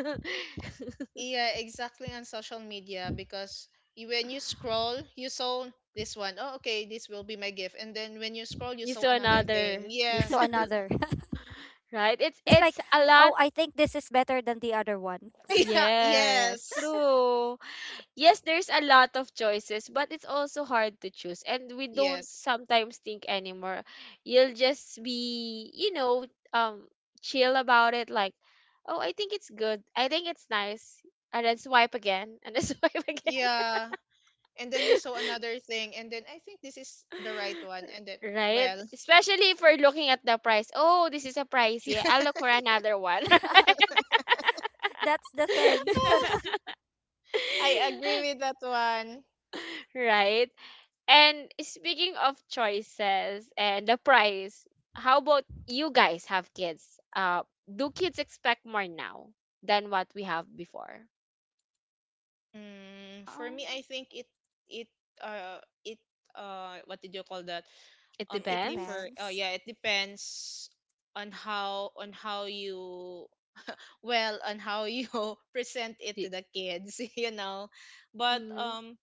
Speaker 2: yeah, exactly, on social media because you, when you scroll, you saw this one. Oh, okay, this will be my gift. And then when you scroll, you
Speaker 1: You
Speaker 2: saw
Speaker 1: saw
Speaker 2: another thing.
Speaker 1: another,
Speaker 3: You saw
Speaker 2: Yes, and then
Speaker 3: another.
Speaker 1: right? It's
Speaker 3: It's
Speaker 1: it's
Speaker 3: like,
Speaker 1: a lot.
Speaker 3: oh, I think this is better than the other one.
Speaker 2: yeah,
Speaker 1: Yes,
Speaker 2: yes.
Speaker 1: true. Yes, there's a lot of choices, but it's also hard to choose. And we don't
Speaker 2: Yes.
Speaker 1: sometimes think anymore. You'll just be, you know, um chill about it like, "Oh, I think it's good. I think it's nice." And then swipe again, and then swipe again.
Speaker 2: Yeah. And then you saw another thing, and then I think this is the right one. And then,
Speaker 1: Right?
Speaker 2: well,
Speaker 1: Especially if we're looking at the price. Oh, this is a pricey. I'll look for another one.
Speaker 3: That's the thing.
Speaker 1: Right?
Speaker 2: I agree with that one.
Speaker 1: Right? And speaking of choices and the price, how about you guys have kids? Uh, do kids expect more now than what we have before?
Speaker 2: Mm, for
Speaker 3: Um,
Speaker 2: me, I think it it uh it uh what did you call that?
Speaker 1: It
Speaker 2: Um,
Speaker 3: it
Speaker 2: it
Speaker 1: depends.
Speaker 2: differ. Uh,
Speaker 3: depends.
Speaker 2: yeah, it depends on how on how you well, on how you present it to
Speaker 1: Y-
Speaker 2: the kids, you know. But,
Speaker 1: mhm.
Speaker 2: um,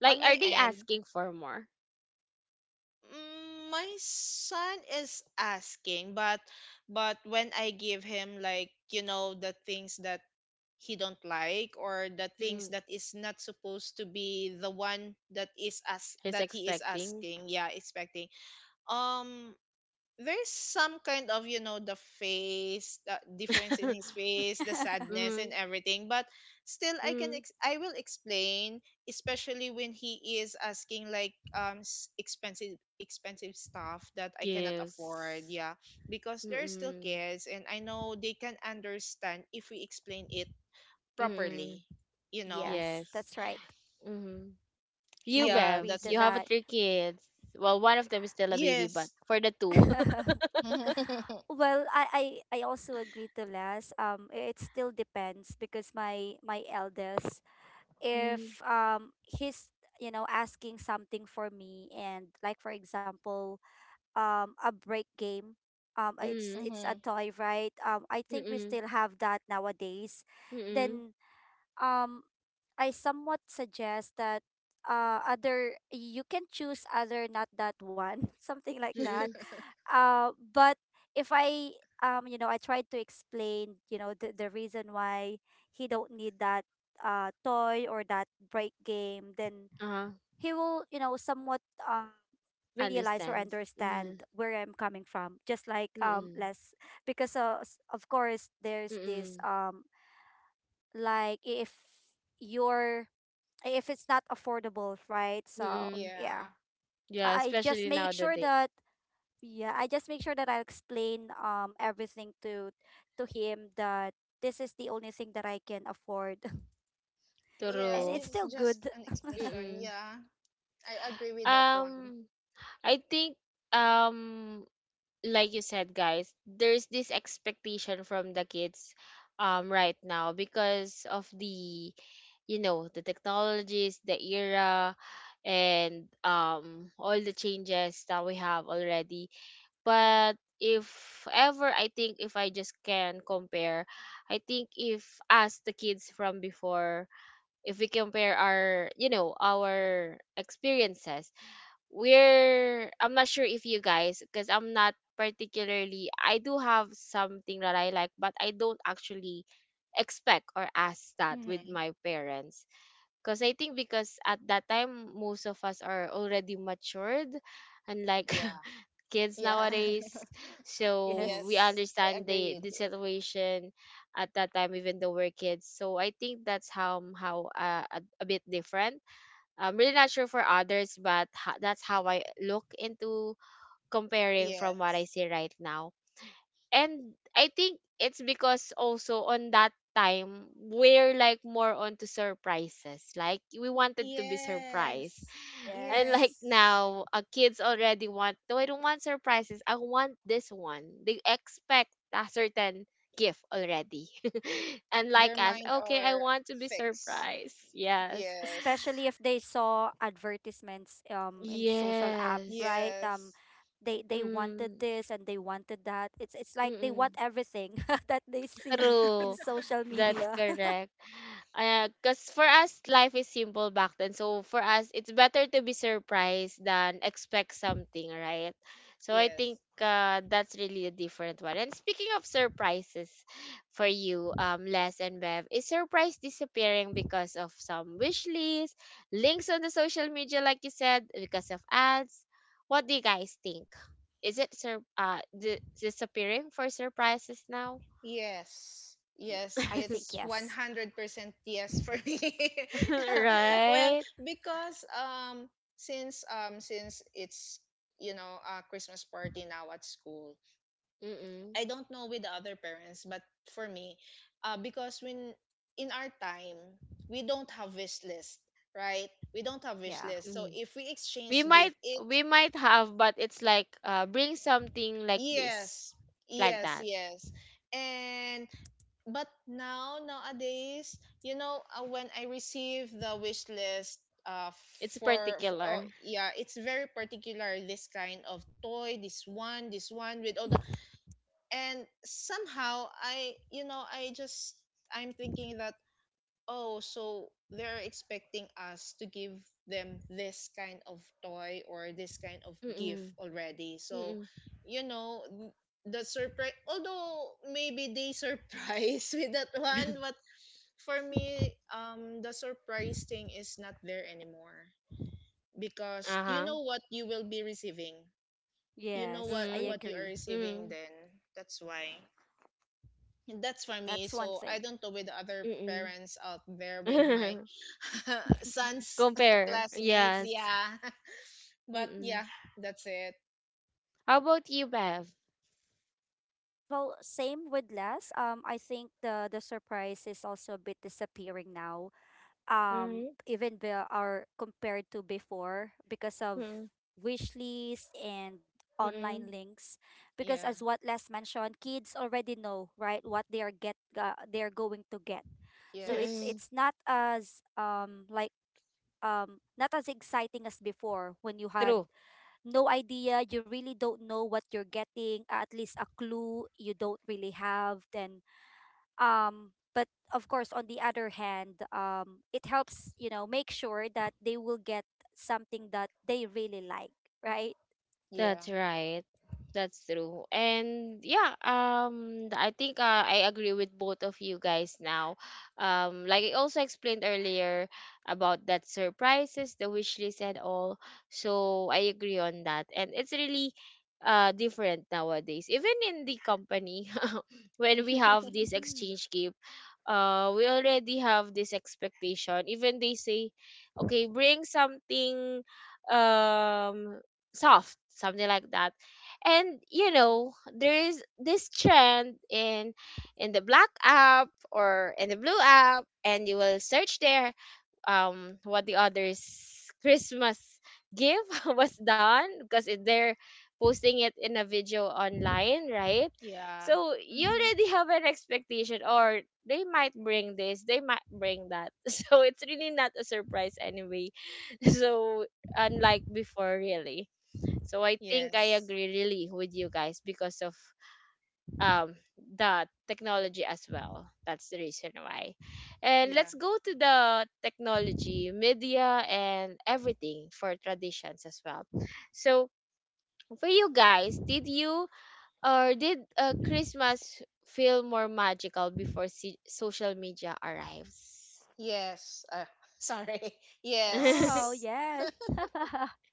Speaker 1: Like,
Speaker 2: on my
Speaker 1: are they
Speaker 2: end.
Speaker 1: asking for more?
Speaker 2: Mm, my son is asking, but but when I give him, like you know the things that he don't like, or the things
Speaker 1: Mm,
Speaker 2: that is not supposed to be the one that is as
Speaker 1: he's
Speaker 2: that he is
Speaker 1: expecting.
Speaker 2: asking, yeah, expecting, um there's some kind of, you know the face, the difference in his face, the sadness and
Speaker 1: Mm,
Speaker 2: everything, but still i can
Speaker 1: mm,
Speaker 2: ex- I will explain, especially when he is asking like, um s- expensive expensive stuff that I cannot afford,
Speaker 1: gives.
Speaker 2: yeah, because they're still
Speaker 1: Mm-mm,
Speaker 2: kids and I know they can understand if we explain it
Speaker 1: mm-mm,
Speaker 2: properly, you know
Speaker 3: Yes,
Speaker 1: yes.
Speaker 3: that's right.
Speaker 1: Mm-hmm.
Speaker 3: I
Speaker 1: You,
Speaker 2: yeah,
Speaker 1: Bev,
Speaker 3: agree
Speaker 2: that's
Speaker 3: to
Speaker 1: you
Speaker 2: it.
Speaker 1: have
Speaker 3: that.
Speaker 1: three kids. Well, one of them is still a baby, but
Speaker 2: Yes.
Speaker 1: for the two,
Speaker 2: Mm-hmm.
Speaker 3: Well, I, I I also agree to less. Um, it still depends because my my eldest,
Speaker 1: mhm,
Speaker 3: if um he's, you know, asking something for me, and like, for example, um a break game. Um, uh, it's—
Speaker 1: mm,
Speaker 3: it's a toy, right? Um, I think we
Speaker 1: mm,
Speaker 3: still have that nowadays.
Speaker 1: mm,
Speaker 3: Then um I somewhat suggest that, uh other, you can choose other, not that one, something like that.
Speaker 1: mm,
Speaker 3: Uh but if I, um you know, I tried to explain, you know, the, the reason why he don't need that, uh toy, or that break game, then
Speaker 1: uh-huh,
Speaker 3: he will, you know, somewhat, um realize or
Speaker 1: understands. Uh-huh,
Speaker 3: understand where I'm coming from, just like um
Speaker 1: mm,
Speaker 3: less because uh, s- of course there's this
Speaker 1: mm,
Speaker 3: um like, if you're— if it's not affordable, right? So
Speaker 1: mm.
Speaker 2: Yeah.
Speaker 3: yeah,
Speaker 1: Yeah,
Speaker 3: I I just
Speaker 1: especially
Speaker 3: make sure
Speaker 1: nowadays.
Speaker 3: that— yeah, I just make sure that I explain um everything to— to him, that this is the only thing that I can afford,
Speaker 2: Yes,
Speaker 3: and
Speaker 1: True.
Speaker 3: it's
Speaker 2: it's
Speaker 3: still
Speaker 2: just
Speaker 3: good.
Speaker 2: an explanation.
Speaker 1: Mm.
Speaker 2: Yeah. I agree with that one.
Speaker 1: Um, I think um like you said guys, there's this expectation from the kids um right now because of the you know, the technologies, the era and um all the changes that we have already, but if ever, I think if I just can compare, I think if us the kids from before, if we compare our you know our experiences, we're I'm not sure if you guys, because I'm not particularly, I do have something that I like, but I don't actually expect or ask that with
Speaker 2: Mm-hmm.
Speaker 1: my parents because I think because at that time most of us are already matured and like
Speaker 2: Yeah.
Speaker 1: kids
Speaker 2: Yeah.
Speaker 1: nowadays, so we
Speaker 3: Yes,
Speaker 2: Yes. I
Speaker 1: understand
Speaker 2: agree
Speaker 1: the
Speaker 2: with
Speaker 1: the
Speaker 2: it.
Speaker 1: situation at that time even though we're kids. So I think that's how how uh, a, a bit different. I'm really not sure for others, but ha- that's how I look into, comparing from what I
Speaker 2: Yes.
Speaker 1: see right now. And I think it's because also on that time we're like more onto surprises. Like we wanted to be surprised.
Speaker 2: Yes.
Speaker 1: And like
Speaker 3: yes.
Speaker 2: Yes.
Speaker 1: now, uh, kids already want, no, I don't want surprises. I want this one. They expect a certain gift already. And like
Speaker 2: Their
Speaker 1: us,
Speaker 2: mind
Speaker 1: okay, I
Speaker 2: are
Speaker 1: want to be
Speaker 2: fixed.
Speaker 1: surprised. Yes.
Speaker 2: Yes.
Speaker 3: Especially if they saw advertisements um in social app,
Speaker 1: Yes.
Speaker 3: right? Um,
Speaker 2: Yes.
Speaker 3: they they wanted
Speaker 1: Mm,
Speaker 3: this, and they wanted that. It's it's like they
Speaker 1: mm-mm.
Speaker 3: want everything that they see in
Speaker 1: True.
Speaker 3: social
Speaker 1: That's
Speaker 3: media.
Speaker 1: correct. Uh, cause for us, life is simple back then. So for us, it's better to be surprised than expect something, right? So I think
Speaker 2: Yes.
Speaker 1: uh, that's really a different one. And speaking of surprises, for you, um, Les and Bev, is surprise disappearing because of some wish list, links on the social media, like you said, because of ads? What do you guys think? Is it sur- uh di- disappearing for surprises now?
Speaker 2: Yes.
Speaker 3: Yeah,
Speaker 2: Yes,
Speaker 3: I think
Speaker 2: it's
Speaker 3: yes.
Speaker 2: one hundred percent yes for me. well,
Speaker 1: Right?
Speaker 2: because um since um since it's you know a Christmas party now at school,
Speaker 1: Mm-mm.
Speaker 2: I don't know with the other parents, but for me, uh, because when in our time, we don't have wish list, right? We don't have wish
Speaker 3: Yeah.
Speaker 2: list. So
Speaker 1: Mm.
Speaker 2: if we
Speaker 1: We
Speaker 2: exchange gift,
Speaker 1: might,
Speaker 2: it's
Speaker 1: we might have, but it's like uh bring something like this,
Speaker 2: yes,
Speaker 1: like
Speaker 2: yes,
Speaker 1: that.
Speaker 2: yes. And but now nowadays, you know, uh, when I receive the wish list, uh,
Speaker 1: It's
Speaker 2: for, for oh
Speaker 1: particular.
Speaker 2: yeah, it's very particular. This kind of toy, this one, this one with all the and somehow I you know I just I'm thinking that oh, so they're expecting us to give them this kind of toy or this kind of gift
Speaker 1: Mm-mm.
Speaker 2: already. So
Speaker 1: Mm-mm.
Speaker 2: you know n- the surprise, although maybe they surprise with that one, but for me um the surprise thing is not there anymore because you
Speaker 1: Uh-huh.
Speaker 2: know what you will be receiving, you know
Speaker 3: Yes,
Speaker 2: what
Speaker 3: I
Speaker 1: Mm.
Speaker 2: what you are
Speaker 3: agree.
Speaker 2: receiving.
Speaker 1: Mm.
Speaker 2: Then that's why. That's for me.
Speaker 3: That's one
Speaker 2: So
Speaker 3: thing.
Speaker 2: I don't know with other
Speaker 1: Mm.
Speaker 2: parents out there with my
Speaker 1: Mm.
Speaker 2: son's
Speaker 1: Compare.
Speaker 2: classmates,
Speaker 1: Yes.
Speaker 2: yeah. But
Speaker 1: Mm-mm.
Speaker 2: yeah, that's it.
Speaker 1: How about you, Bev?
Speaker 3: Well, same with Les. Um, I think the the surprise is also a bit disappearing now. Um
Speaker 1: Mm-hmm.
Speaker 3: even be are compared to before because of
Speaker 1: Mm-mm.
Speaker 3: wish lists and online
Speaker 1: Mm-mm.
Speaker 3: links, because
Speaker 2: Yeah.
Speaker 3: as what Les mentioned, kids already know, right, what they are get uh, they're going to get. So it's
Speaker 2: Yes.
Speaker 1: Mm-mm.
Speaker 3: it's not as um like um not as exciting as before, when you had
Speaker 1: True.
Speaker 3: no idea. You really don't know what you're getting, at least a clue, you don't really have then. Um but of course, on the other hand, um it helps, you know, make sure that they will get something that they really like, right?
Speaker 2: Yeah.
Speaker 1: That's right. That's true. And yeah, um th- I think uh, I agree with both of you guys now. Um like I also explained earlier about that surprises, the wish list and all. So I agree on that. And it's really uh different nowadays. Even in the company when we have this
Speaker 3: Mm-hmm.
Speaker 1: exchange gift, uh we already have this expectation. Even they say, okay, bring something um soft, something like that. And you know there is this trend in in the black app or in the blue app, and you will search there um what the others Christmas gift was done, because it- they're posting it in a video online, right?
Speaker 2: Yeah.
Speaker 1: So you
Speaker 3: Mm-hmm.
Speaker 1: already have an expectation, or they might bring this, they might bring that. So it's really not a surprise anyway. So unlike before, really. So I think I
Speaker 2: Yes.
Speaker 1: agree really with you guys because of um the technology as well. That's the reason why. And
Speaker 2: Yeah.
Speaker 1: let's go to the technology, media and everything for traditions as well. So for you guys, did you, or did uh, Christmas feel more magical before se- social media arrives?
Speaker 2: Yes. uh, sorry.
Speaker 1: That
Speaker 3: Wow,
Speaker 2: Yes.
Speaker 3: yes,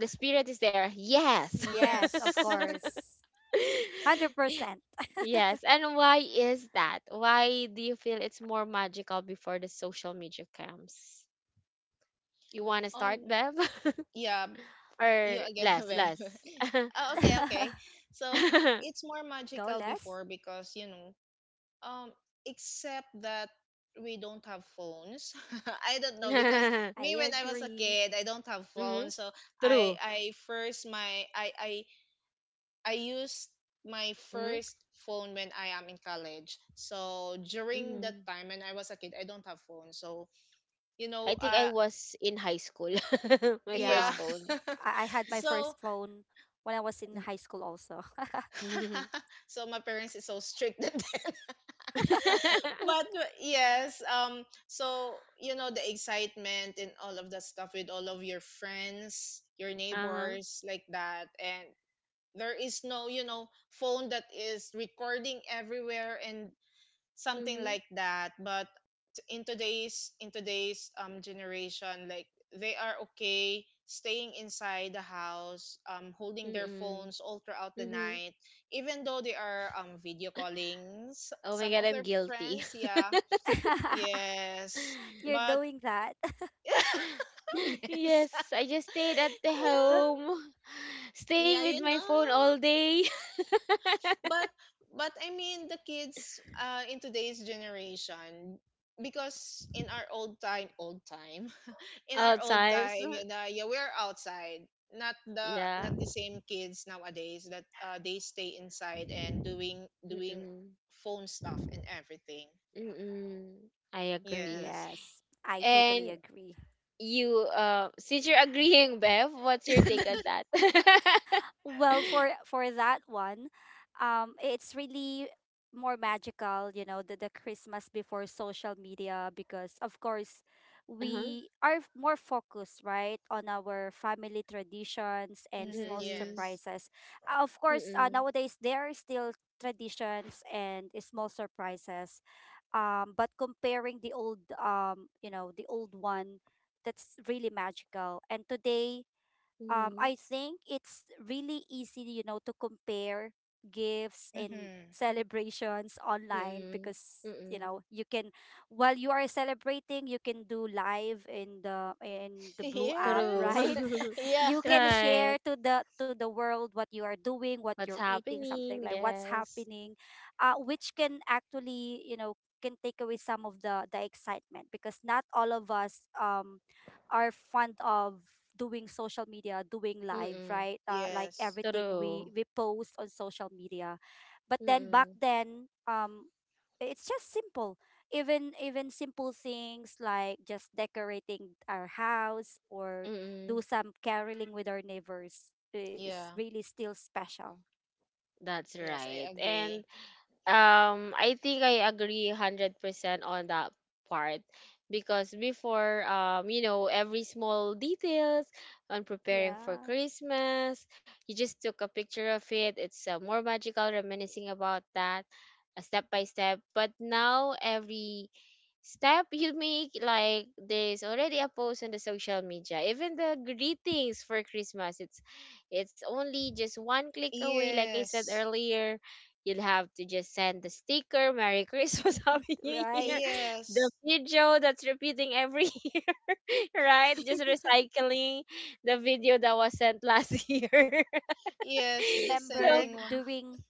Speaker 1: the spirit is there. Yes.
Speaker 3: yes, of
Speaker 2: Yes.
Speaker 3: course, one hundred percent.
Speaker 1: Yes, and why is that? Why do you feel it's more magical before the social media comes? You want to start,
Speaker 2: Um,
Speaker 1: Bev?
Speaker 2: yeah, you
Speaker 1: Or
Speaker 2: again.
Speaker 1: less,
Speaker 2: Bev.
Speaker 1: less?
Speaker 2: Oh, okay, okay. So
Speaker 1: Mm-hmm.
Speaker 2: it's more
Speaker 3: Go
Speaker 2: magical
Speaker 3: less
Speaker 2: before because you know. Um, except that we don't have phones. I don't know. Because
Speaker 3: I
Speaker 2: me when I was a
Speaker 3: agree.
Speaker 2: kid, I don't have phone. So I
Speaker 1: True.
Speaker 2: I first my I I I used my
Speaker 1: Mm-hmm.
Speaker 2: first phone when I am in college. So during that
Speaker 1: Mm-hmm.
Speaker 2: time when I was a kid, I don't have phone. So you know,
Speaker 1: I think I
Speaker 2: uh,
Speaker 1: was in high school. My
Speaker 2: yeah.
Speaker 1: first
Speaker 3: Yeah,
Speaker 1: phone.
Speaker 3: I-, I had my
Speaker 2: So
Speaker 3: first phone when I was in high school also.
Speaker 1: Mhm.
Speaker 2: so my parents is so strict that. But uh, yes, um, so you know the excitement and all of that stuff with all of your friends, your
Speaker 1: Uh-huh.
Speaker 2: neighbors, like that, and there is no, you know, phone that is recording everywhere and something
Speaker 1: Mm-hmm.
Speaker 2: like that. But in today's in today's um generation, like they are okay staying inside the house, um, holding their
Speaker 1: Mm-hmm.
Speaker 2: phones all throughout the
Speaker 1: Mm-hmm.
Speaker 2: night, even though they are um video calling s-
Speaker 1: Oh my
Speaker 2: some
Speaker 1: God,
Speaker 2: of
Speaker 1: I'm
Speaker 2: their
Speaker 1: guilty.
Speaker 2: friends, yeah. Yes.
Speaker 3: You're
Speaker 2: But
Speaker 3: doing that.
Speaker 2: yes.
Speaker 1: Yes, I just stayed at the
Speaker 2: Yeah.
Speaker 1: home, staying
Speaker 2: Yeah,
Speaker 1: with
Speaker 2: you
Speaker 1: my
Speaker 2: know.
Speaker 1: phone all day,
Speaker 2: But but I mean the kids uh in today's generation, because in our old time, old time. In our
Speaker 1: all
Speaker 2: old
Speaker 1: times.
Speaker 2: time, you know, yeah, we're outside. Not the not
Speaker 1: Yeah.
Speaker 2: the same kids nowadays that uh, they stay inside and doing doing
Speaker 1: Mm-mm.
Speaker 2: phone stuff and everything.
Speaker 1: Mm-mm. I agree.
Speaker 2: Yes.
Speaker 3: Yes, I
Speaker 1: And
Speaker 3: totally agree.
Speaker 1: you, uh, since you're agreeing, Bev, what's your take on that?
Speaker 3: Well, for for that one, um, it's really more magical, you know, the, the Christmas before social media, because of course
Speaker 1: Uh-huh.
Speaker 3: we are f- more focused, right, on our family traditions and
Speaker 2: Mhm,
Speaker 3: small
Speaker 1: Mm-mm.
Speaker 2: yes.
Speaker 3: surprises. Uh, Of course, uh,
Speaker 1: Mm-mm.
Speaker 3: nowadays there are still traditions and small surprises. Um, but comparing the old, um, you know, the old one, that's really magical. And today um,
Speaker 1: Mm-mm.
Speaker 3: I think it's really easy, you know, to compare gifts and
Speaker 2: Mhm.
Speaker 3: celebrations online,
Speaker 1: Mm-mm.
Speaker 3: because you
Speaker 1: Mm-mm.
Speaker 3: know you can, while you are celebrating, you can do live in the in the blue app,
Speaker 1: True.
Speaker 2: Yes.
Speaker 3: right?
Speaker 2: Yeah.
Speaker 3: You can
Speaker 1: Right.
Speaker 3: share to the to the world what you are doing, what
Speaker 1: What's
Speaker 3: you're eating, something
Speaker 1: happening?
Speaker 3: like what's
Speaker 1: Yes.
Speaker 3: happening. Uh which can actually, you know, can take away some of the the excitement, because not all of us um are fond of doing social media, doing live,
Speaker 1: Mm-mm.
Speaker 3: right? Uh, like
Speaker 2: Yes.
Speaker 3: everything we
Speaker 1: True.
Speaker 3: we post on social media. But then back
Speaker 1: Mm-mm.
Speaker 3: then, um, it's just simple. Even even simple things like just decorating our house or
Speaker 1: Mm-mm,
Speaker 3: do some caroling with our neighbors is
Speaker 2: Yeah.
Speaker 3: really still special.
Speaker 1: that's
Speaker 2: Yes, I
Speaker 1: right.
Speaker 2: agree.
Speaker 1: And um I think I agree one hundred percent on that part, because before um you know every small details on preparing for
Speaker 3: Yeah,
Speaker 1: Christmas, you just took a picture of it. It's uh, more magical reminiscing about that uh, step by step. But now every step you make, like, there's already a post on the social media. Even the greetings for Christmas, it's it's only just one click away, like I said
Speaker 2: Yes.
Speaker 1: earlier. You'll have to just send the sticker, Merry Christmas, Happy New Year,
Speaker 3: right.
Speaker 1: the
Speaker 2: Yes.
Speaker 1: video that's repeating every year, right? Just recycling the video that was sent last year.
Speaker 2: Yes, just
Speaker 1: So
Speaker 3: Remember
Speaker 2: sending one.
Speaker 3: during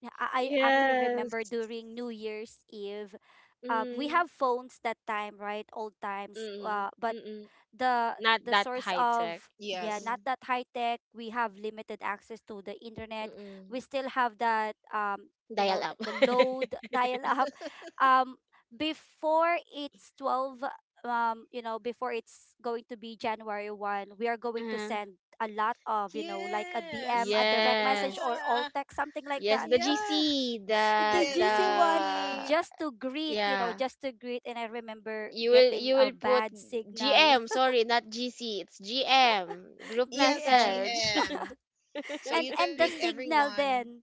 Speaker 3: Yeah, I I actually
Speaker 1: yes.
Speaker 3: remember during New Year's Eve, uh, we
Speaker 1: Mm,
Speaker 3: have phones that time, right? Old times.
Speaker 1: mm,
Speaker 3: Uh, but
Speaker 1: mm, mm.
Speaker 3: the
Speaker 1: Not
Speaker 3: the
Speaker 1: that
Speaker 3: source
Speaker 1: high tech.
Speaker 3: of yeah,
Speaker 2: Yes.
Speaker 1: Mm-mm.
Speaker 3: not that high tech. We have limited access to the internet.
Speaker 1: Mm.
Speaker 3: We still have that um, you
Speaker 1: Dial
Speaker 3: know, the,
Speaker 1: up.
Speaker 3: the load dial up. Um, Before it's twelve. Um, you know, before it's going to be January one, we are going to
Speaker 1: Uh,
Speaker 3: send a lot of, you know, like a D M,
Speaker 2: Yes.
Speaker 3: a direct message,
Speaker 1: yes.
Speaker 3: or all text, something like
Speaker 1: Yes,
Speaker 3: that,
Speaker 1: the
Speaker 2: Yeah.
Speaker 1: G C,
Speaker 3: the
Speaker 1: the
Speaker 2: Yes,
Speaker 1: the
Speaker 3: G C one,
Speaker 2: G C.
Speaker 3: just to greet, you know,
Speaker 1: yeah.
Speaker 3: just to greet. And I remember
Speaker 1: You will,
Speaker 3: getting
Speaker 1: you
Speaker 3: a
Speaker 1: will put
Speaker 3: bad signal.
Speaker 1: G M, sorry, not G C. It's G M, group
Speaker 2: Yes,
Speaker 3: G M.
Speaker 1: message.
Speaker 2: G M. So
Speaker 3: And
Speaker 2: you can
Speaker 3: and the
Speaker 2: greet
Speaker 3: signal
Speaker 2: everyone.
Speaker 3: then,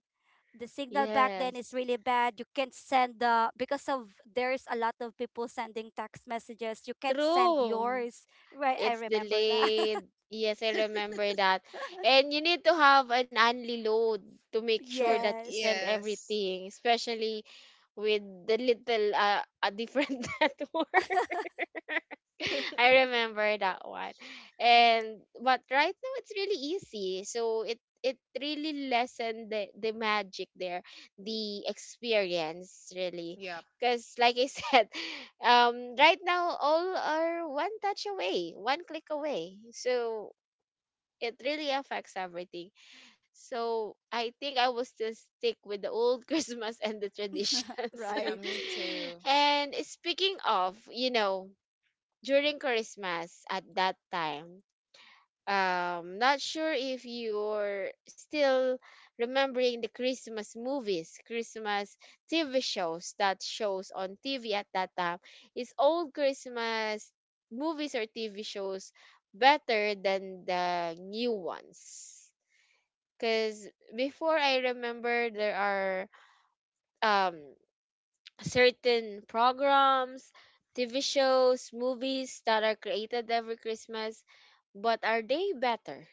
Speaker 3: the signal back then is
Speaker 1: Yes.
Speaker 3: really bad. You can't send the, because of there's a lot of people sending text messages. You can't send
Speaker 1: True.
Speaker 3: yours. Right, I
Speaker 1: It's
Speaker 3: remember that.
Speaker 1: delayed. Yes, I remember that. And you need to have an only load to make sure that you
Speaker 3: Yes.
Speaker 1: send
Speaker 2: Yes.
Speaker 1: everything, especially with the little uh, a different network. I remember that one. And but right now it's really easy. So it it really lessened the, the magic there, the experience really.
Speaker 2: Yep.
Speaker 1: Because like I said, um right now all are one touch away, one click away. So it really affects everything. So I think I will still stick with the old Christmas and the traditions.
Speaker 2: Yeah, me
Speaker 3: Right.
Speaker 2: too.
Speaker 1: And speaking of, you know, during Christmas at that time, um, not sure if you're still remembering the Christmas movies, Christmas T V shows that shows on T V at that time. Is old Christmas movies or T V shows better than the new ones? Because before I remember there are um, certain programs, T V shows, movies that are created every Christmas, but are they better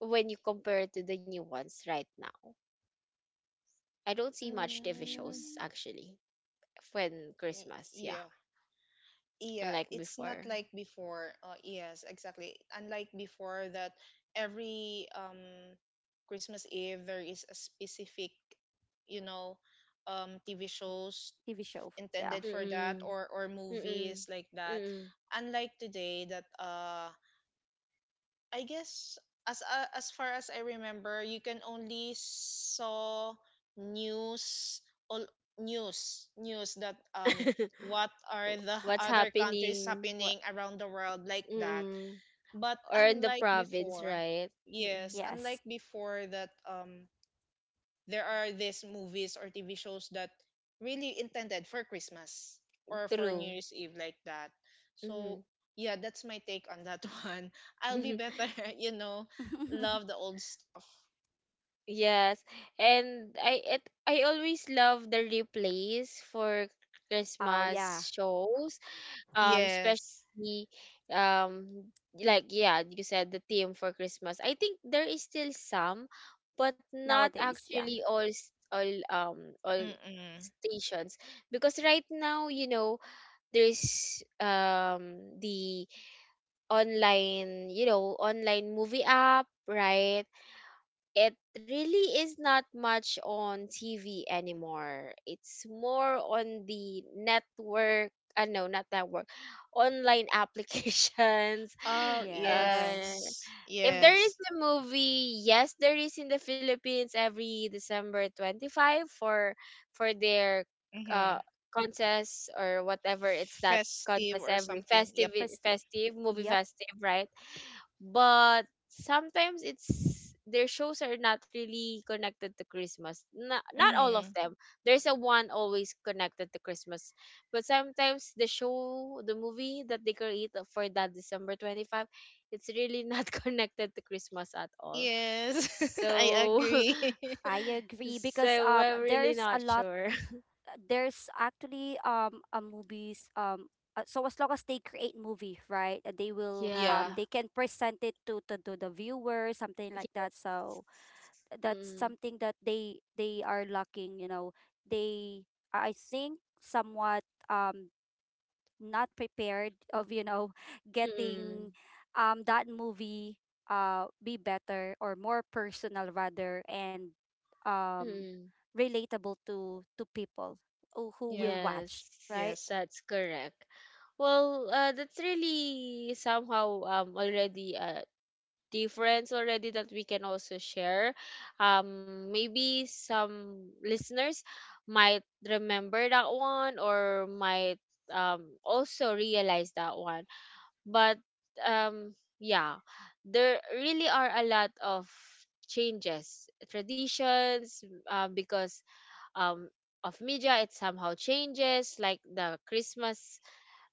Speaker 1: when you compare it to the new ones right now? I don't see much T V
Speaker 2: Mm,
Speaker 1: shows actually when
Speaker 2: y-
Speaker 1: Christmas, yeah,
Speaker 2: yeah. Yeah,
Speaker 1: unlike
Speaker 2: it's not
Speaker 1: before.
Speaker 2: like before. Uh, yes, exactly. Unlike before that every um Christmas Eve there is a specific, you know, um T V shows
Speaker 3: T V show. Yeah.
Speaker 2: intended for that
Speaker 1: Mm-mm,
Speaker 2: or or
Speaker 1: mm-mm,
Speaker 2: movies like that.
Speaker 1: mm-mm.
Speaker 2: Unlike today that uh I guess, as uh, as far as I remember, you can only saw news, all news news that um what are the
Speaker 1: What's
Speaker 2: other countries
Speaker 1: happening?
Speaker 3: What?
Speaker 2: happening around the world like that.
Speaker 1: Mm-mm.
Speaker 2: But
Speaker 1: Or in the
Speaker 2: unlike
Speaker 1: province,
Speaker 2: before,
Speaker 1: right?
Speaker 2: yes,
Speaker 1: Mm-mm.
Speaker 2: unlike
Speaker 3: Yes.
Speaker 2: before that um there are these movies or T V shows that really intended for Christmas or for
Speaker 1: True.
Speaker 2: New Year's Eve like that. So
Speaker 1: Mm-hmm.
Speaker 2: yeah, that's my take on that one. I'll be better, you know, love the old stuff.
Speaker 1: Yes. And I it, I always love the replays for
Speaker 3: Oh
Speaker 1: Christmas
Speaker 3: yeah.
Speaker 1: shows. Um,
Speaker 2: Yes.
Speaker 1: especially um like yeah, you said the theme for Christmas. I think there is still some, but not
Speaker 3: Nowadays, yeah.
Speaker 1: actually all s- all um all
Speaker 2: Mm-mm.
Speaker 1: stations because right now you know there's um the online, you know, online movie app, right? It really is not much on T V anymore. It's more on the network. Uh, no, not network. Online applications.
Speaker 2: Oh,
Speaker 3: Yes.
Speaker 1: Uh,
Speaker 2: yes.
Speaker 1: if there is
Speaker 2: Yes.
Speaker 1: a movie, yes, there is in the Philippines every December twenty five for for their uh
Speaker 2: Mm-hmm.
Speaker 1: contest or whatever, it's that
Speaker 2: Festive
Speaker 1: contest
Speaker 2: or
Speaker 1: every
Speaker 2: something. Yep.
Speaker 1: festive,
Speaker 3: Prestige.
Speaker 1: festive movie
Speaker 3: Yep.
Speaker 1: festive, right? But sometimes it's their shows are not really connected to Christmas, not, not all of
Speaker 2: Mm-hmm.
Speaker 1: them. There's a one always connected to Christmas, but sometimes the show, the movie that they create for that December twenty-five, it's really not connected to Christmas at all.
Speaker 2: Yes. I
Speaker 1: So
Speaker 2: agree.
Speaker 3: I agree, because
Speaker 1: so
Speaker 3: um
Speaker 1: we're really
Speaker 3: there's a
Speaker 1: not
Speaker 3: lot,
Speaker 1: sure.
Speaker 3: there's actually um a movies, um uh, so as long as they create movie, right, uh, they will
Speaker 1: Yeah,
Speaker 2: Yeah.
Speaker 3: um they can present it to, to to the viewer, something like that. So
Speaker 1: yes.
Speaker 3: that's
Speaker 1: Mm,
Speaker 3: something that they they are lacking, you know, they, I think somewhat um not prepared of, you know, getting
Speaker 1: mm,
Speaker 3: um that movie uh be better or more personal rather. And um
Speaker 1: mm.
Speaker 3: relatable to to people who, who will
Speaker 2: Yeah.
Speaker 1: Yes,
Speaker 3: watch, right?
Speaker 2: Yes.
Speaker 1: that's correct. Well, uh, that's really somehow um already a difference already that we can also share. Um, maybe some listeners might remember that one, or might um also realize that one. But um yeah, there really are a lot of changes, traditions, uh, because um, of media, it somehow changes like the Christmas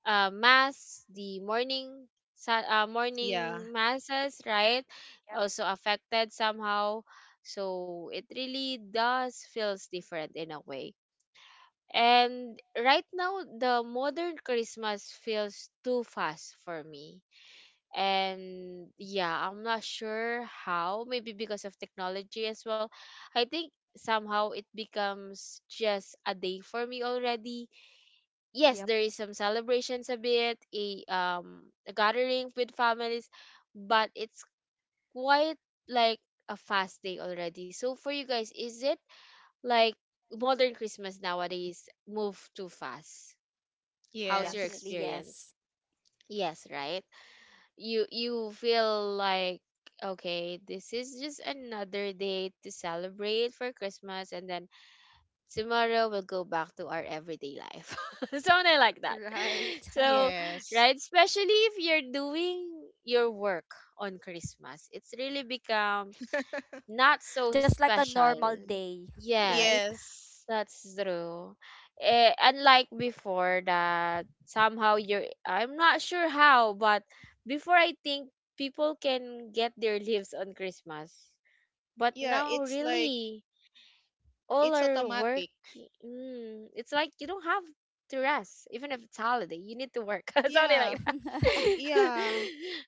Speaker 1: uh, mass the morning sa- uh,
Speaker 2: Yeah.
Speaker 1: morning masses, right? Also affected somehow. So it really does feels different in a way. And right now the modern Christmas feels too fast for me, and yeah, I'm not sure how, maybe because of technology as well. I think somehow it becomes just a day for me already. Yes,
Speaker 3: Yep.
Speaker 1: there is some celebrations a bit, a um a gathering with families, but it's quite like a fast day already. So for you guys, is it like modern Christmas nowadays move too fast? How's your
Speaker 3: Definitely
Speaker 2: Yes.
Speaker 1: experience?
Speaker 3: yes.
Speaker 1: Yes, right? you you feel like, okay, this is just another day to celebrate for Christmas, and then tomorrow we'll go back to our everyday life. Something like that.
Speaker 3: Right.
Speaker 1: So
Speaker 2: Yes.
Speaker 1: right, especially if you're doing your work on Christmas, it's really become not so
Speaker 3: Just like a
Speaker 1: special.
Speaker 3: normal day.
Speaker 1: Yes,
Speaker 3: Right.
Speaker 2: Yes.
Speaker 1: that's true. Eh, unlike before that somehow you're, I'm not sure how, but before I think people can get their leaves on Christmas. But
Speaker 2: Yeah,
Speaker 1: now
Speaker 2: it's like
Speaker 1: really all
Speaker 2: it's
Speaker 1: are work.
Speaker 2: automatic.
Speaker 1: Mm, it's like you don't have to rest even if it's holiday. You need to work. Something
Speaker 2: Yeah.
Speaker 1: like that.
Speaker 2: Yeah.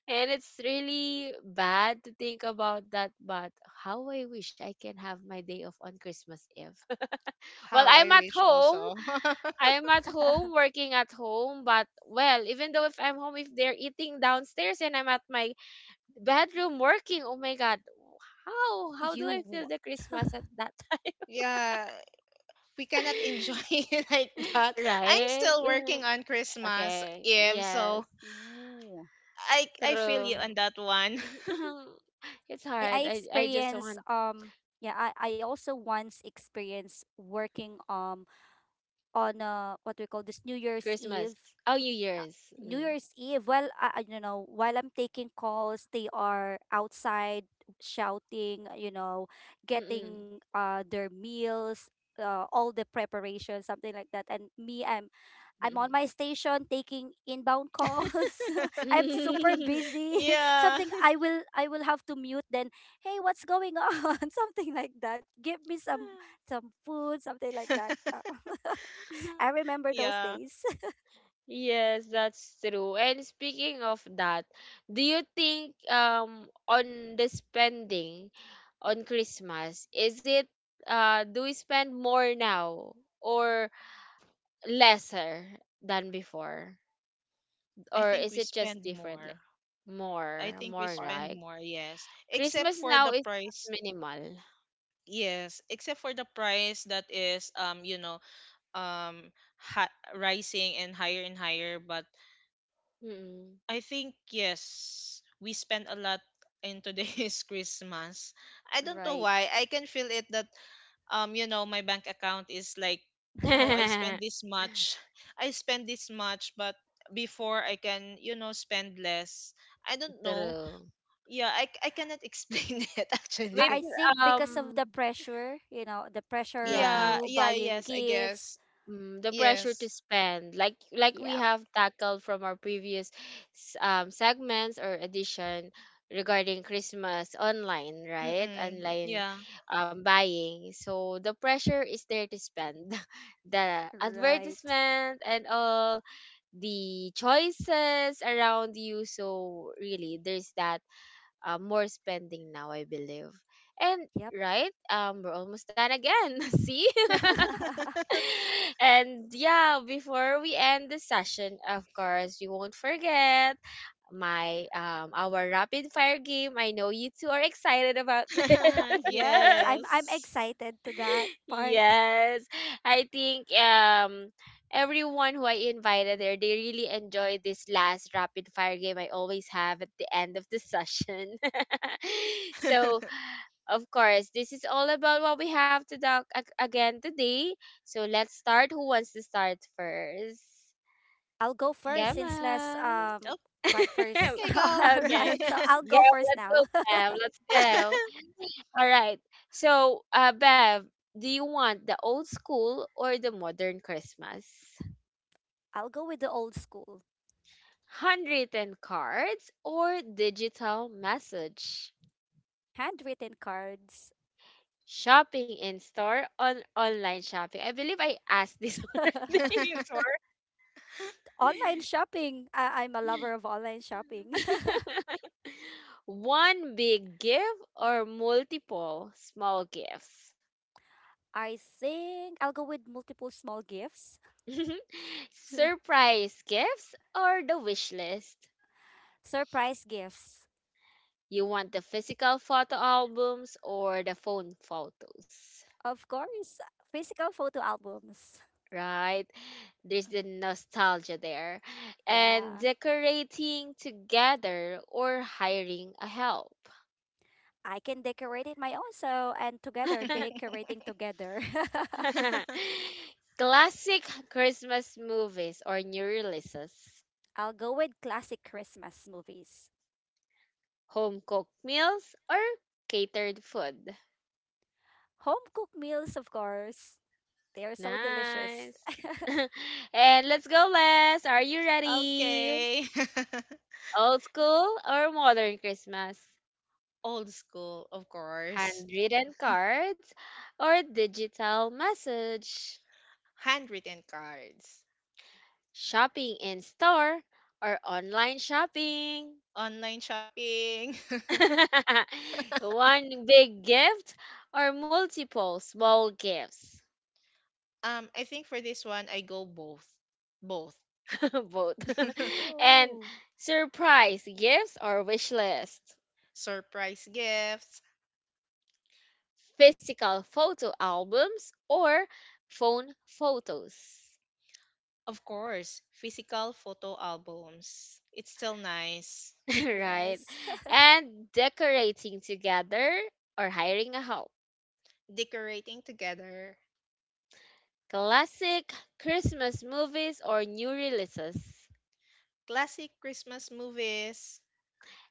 Speaker 1: And it's really bad to think about that, but how I wish I can have my day off on Christmas Eve. Well,
Speaker 2: How
Speaker 1: I'm
Speaker 2: I
Speaker 1: at
Speaker 2: wish
Speaker 1: home,
Speaker 2: also.
Speaker 1: I'm at home, working at home, but well, even though if I'm home, if they're eating downstairs and I'm at my bedroom working, oh my God, how how do
Speaker 3: you
Speaker 1: I feel
Speaker 3: wa-
Speaker 1: the Christmas at that time?
Speaker 2: Yeah, we cannot enjoy it like that. I'm
Speaker 1: Right?
Speaker 2: still working on Christmas
Speaker 1: Okay.
Speaker 2: Eve,
Speaker 1: Yes.
Speaker 2: so
Speaker 3: Ooh.
Speaker 2: I I feel you
Speaker 1: True.
Speaker 2: on that one.
Speaker 1: It's
Speaker 3: I, I
Speaker 1: hard. I I just
Speaker 3: experience
Speaker 1: want
Speaker 3: um yeah, I, I also once experienced working um on uh, what we call this New Year's
Speaker 1: Christmas.
Speaker 3: Eve.
Speaker 1: Oh, New
Speaker 3: Uh,
Speaker 1: Year's.
Speaker 3: New
Speaker 1: Mm.
Speaker 3: Year's Eve, well, I, I don't know, while I'm taking calls, they are outside shouting, you know,
Speaker 1: Mm-mm.
Speaker 3: getting uh, their meals, uh, all the preparation, something like that. And me, I'm I'm on my station taking inbound calls. I'm super
Speaker 1: Mm-mm.
Speaker 3: busy.
Speaker 2: Yeah.
Speaker 3: Something I will I will have to mute then, "Hey, what's going on?" Something like that. Give me some some food, something like that. Uh, I remember those
Speaker 2: Yeah.
Speaker 3: days.
Speaker 1: Yes, that's true. And speaking of that, do you think um on the spending on Christmas, is it uh do we spend more now or lesser than before?
Speaker 2: I
Speaker 1: Or
Speaker 2: think
Speaker 1: is
Speaker 2: we
Speaker 1: it just
Speaker 2: spend
Speaker 1: differently?
Speaker 2: more. I
Speaker 1: More,
Speaker 2: think we
Speaker 1: more
Speaker 3: Or
Speaker 2: spend
Speaker 1: like
Speaker 2: more, yes. Except
Speaker 1: Christmas
Speaker 2: for
Speaker 1: now
Speaker 2: the
Speaker 1: is
Speaker 2: price.
Speaker 1: minimal.
Speaker 2: Yes, except for the price that is um you know um ha- rising and higher and higher. But
Speaker 1: Mm.
Speaker 2: I think yes, we spend a lot in today's Christmas. I don't know
Speaker 3: right.
Speaker 2: why, I can feel it that um you know my bank account is like, oh, I spend this much. I spend this much, but before I can, you know, spend less. I don't know.
Speaker 1: True.
Speaker 2: Yeah, i, I cannot explain it
Speaker 1: Maybe
Speaker 3: I I
Speaker 2: actually.
Speaker 3: think because of
Speaker 1: um
Speaker 3: the pressure, you know, the pressure of
Speaker 1: yeah.
Speaker 2: Yeah.
Speaker 3: you
Speaker 2: Yeah
Speaker 3: buying
Speaker 2: yes, I
Speaker 3: gifts.
Speaker 2: guess.
Speaker 1: Mm, the pressure to
Speaker 2: Yes.
Speaker 1: spend, like like we
Speaker 3: Yep.
Speaker 1: have tackled from our previous s- um, segments or edition regarding Christmas online, right?
Speaker 2: Mm-mm.
Speaker 1: Online
Speaker 2: Yeah.
Speaker 1: um, buying. So the pressure is there to spend, the
Speaker 3: Right.
Speaker 1: advertisement and all the choices around you, so really there's that uh, more spending now, I believe. And
Speaker 3: Yep.
Speaker 1: right, um we're almost done again. See? And yeah, before we end the session, of course, we won't forget my, um our rapid fire game. I know you two are excited about this.
Speaker 3: Yes, I'm I'm
Speaker 2: Yes.
Speaker 3: excited to that part.
Speaker 1: Yes. I think um everyone who I invited there, they really enjoyed this last rapid fire game I always have at the end of the session. So of course, this is all about what we have to talk ag- again today. So let's start. Who wants to start first?
Speaker 3: I'll go first
Speaker 2: Mm.
Speaker 1: Come
Speaker 3: since Les
Speaker 1: on.
Speaker 2: Oh,
Speaker 3: um went first.
Speaker 2: okay, go.
Speaker 1: Okay.
Speaker 3: Right. So I'll go
Speaker 1: Yeah,
Speaker 3: first
Speaker 1: let's go,
Speaker 3: now.
Speaker 1: Bev. Let's go. All right. So, uh, Bev, do you want the old school or the modern Christmas?
Speaker 3: I'll go with the old school.
Speaker 1: Handwritten cards or digital message?
Speaker 3: Handwritten cards.
Speaker 1: Shopping in store on online shopping. I believe I asked this already before.
Speaker 3: Online shopping. I- I'm a lover of online shopping.
Speaker 1: One big gift or multiple small gifts?
Speaker 3: I think I'll go with multiple small gifts.
Speaker 1: Surprise gifts or the wish list?
Speaker 3: Surprise gifts.
Speaker 1: You want the physical photo albums or the phone photos?
Speaker 3: Of course, physical photo albums.
Speaker 1: Right? There's the nostalgia there. And
Speaker 3: Yeah.
Speaker 1: decorating together or hiring a help.
Speaker 3: I can decorate it my own, so and together, decorating together.
Speaker 1: Classic Christmas movies or new releases.
Speaker 3: I'll go with classic Christmas movies.
Speaker 1: Home cooked meals or catered food.
Speaker 3: Home cooked meals, of course. They are so delicious.
Speaker 1: Nice. And let's go, Les. Are you ready?
Speaker 2: Okay.
Speaker 1: Old school or modern Christmas?
Speaker 2: Old school, of course.
Speaker 1: Handwritten cards or digital message?
Speaker 2: Handwritten cards.
Speaker 1: Shopping in store or online shopping?
Speaker 2: Online shopping.
Speaker 1: One big gift or multiple small gifts?
Speaker 2: Um, I think for this one, I go both. Both.
Speaker 1: Both. And
Speaker 3: Oh,
Speaker 1: surprise gifts or wish lists,
Speaker 2: Surprise gifts.
Speaker 1: physical photo albums or phone photos,
Speaker 2: Of course, physical photo albums. It's still nice.
Speaker 1: right?
Speaker 3: yes.
Speaker 1: And decorating together or hiring a help,
Speaker 2: Decorating together.
Speaker 1: classic Christmas movies or new releases.
Speaker 2: Classic Christmas movies.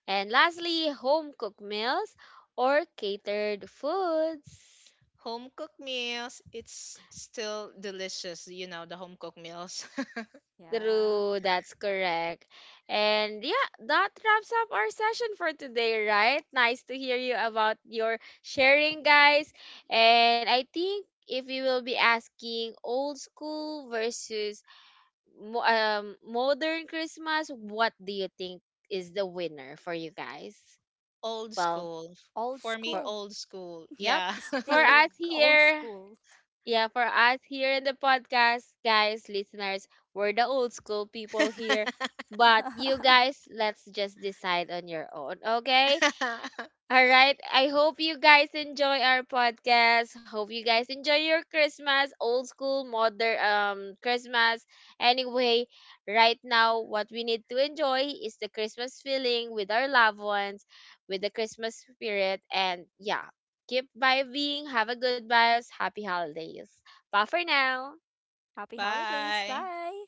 Speaker 1: And lastly, home cooked meals or catered foods.
Speaker 2: Home cooked meals, it's still delicious, you know, the home cooked meals.
Speaker 3: Yeah.
Speaker 1: True, that's correct. And yeah, that wraps up our session for today, right? Nice to hear you about your sharing, guys. And I think if you will be asking old school versus mo- um, modern Christmas, what do you think is the winner for you guys?
Speaker 2: Old
Speaker 1: Well,
Speaker 2: school.
Speaker 3: Old
Speaker 2: For me,
Speaker 1: for,
Speaker 3: school.
Speaker 2: old school.
Speaker 1: yep,
Speaker 2: Yeah.
Speaker 1: for
Speaker 3: Still g-
Speaker 1: us
Speaker 3: old
Speaker 1: here,
Speaker 3: school.
Speaker 1: yeah, for us here in the podcast, guys, listeners, we're the old school people here. But you guys, let's just decide on your own, okay? All right. I hope you guys enjoy our podcast. Hope you guys enjoy your Christmas, old school, modern um Christmas. Anyway, right now what we need to enjoy is the Christmas feeling with our loved ones, with the Christmas spirit, and yeah, keep vibing, have a good vibes, happy holidays. Bye for now.
Speaker 3: Happy holidays.
Speaker 2: Bye.
Speaker 3: Bye.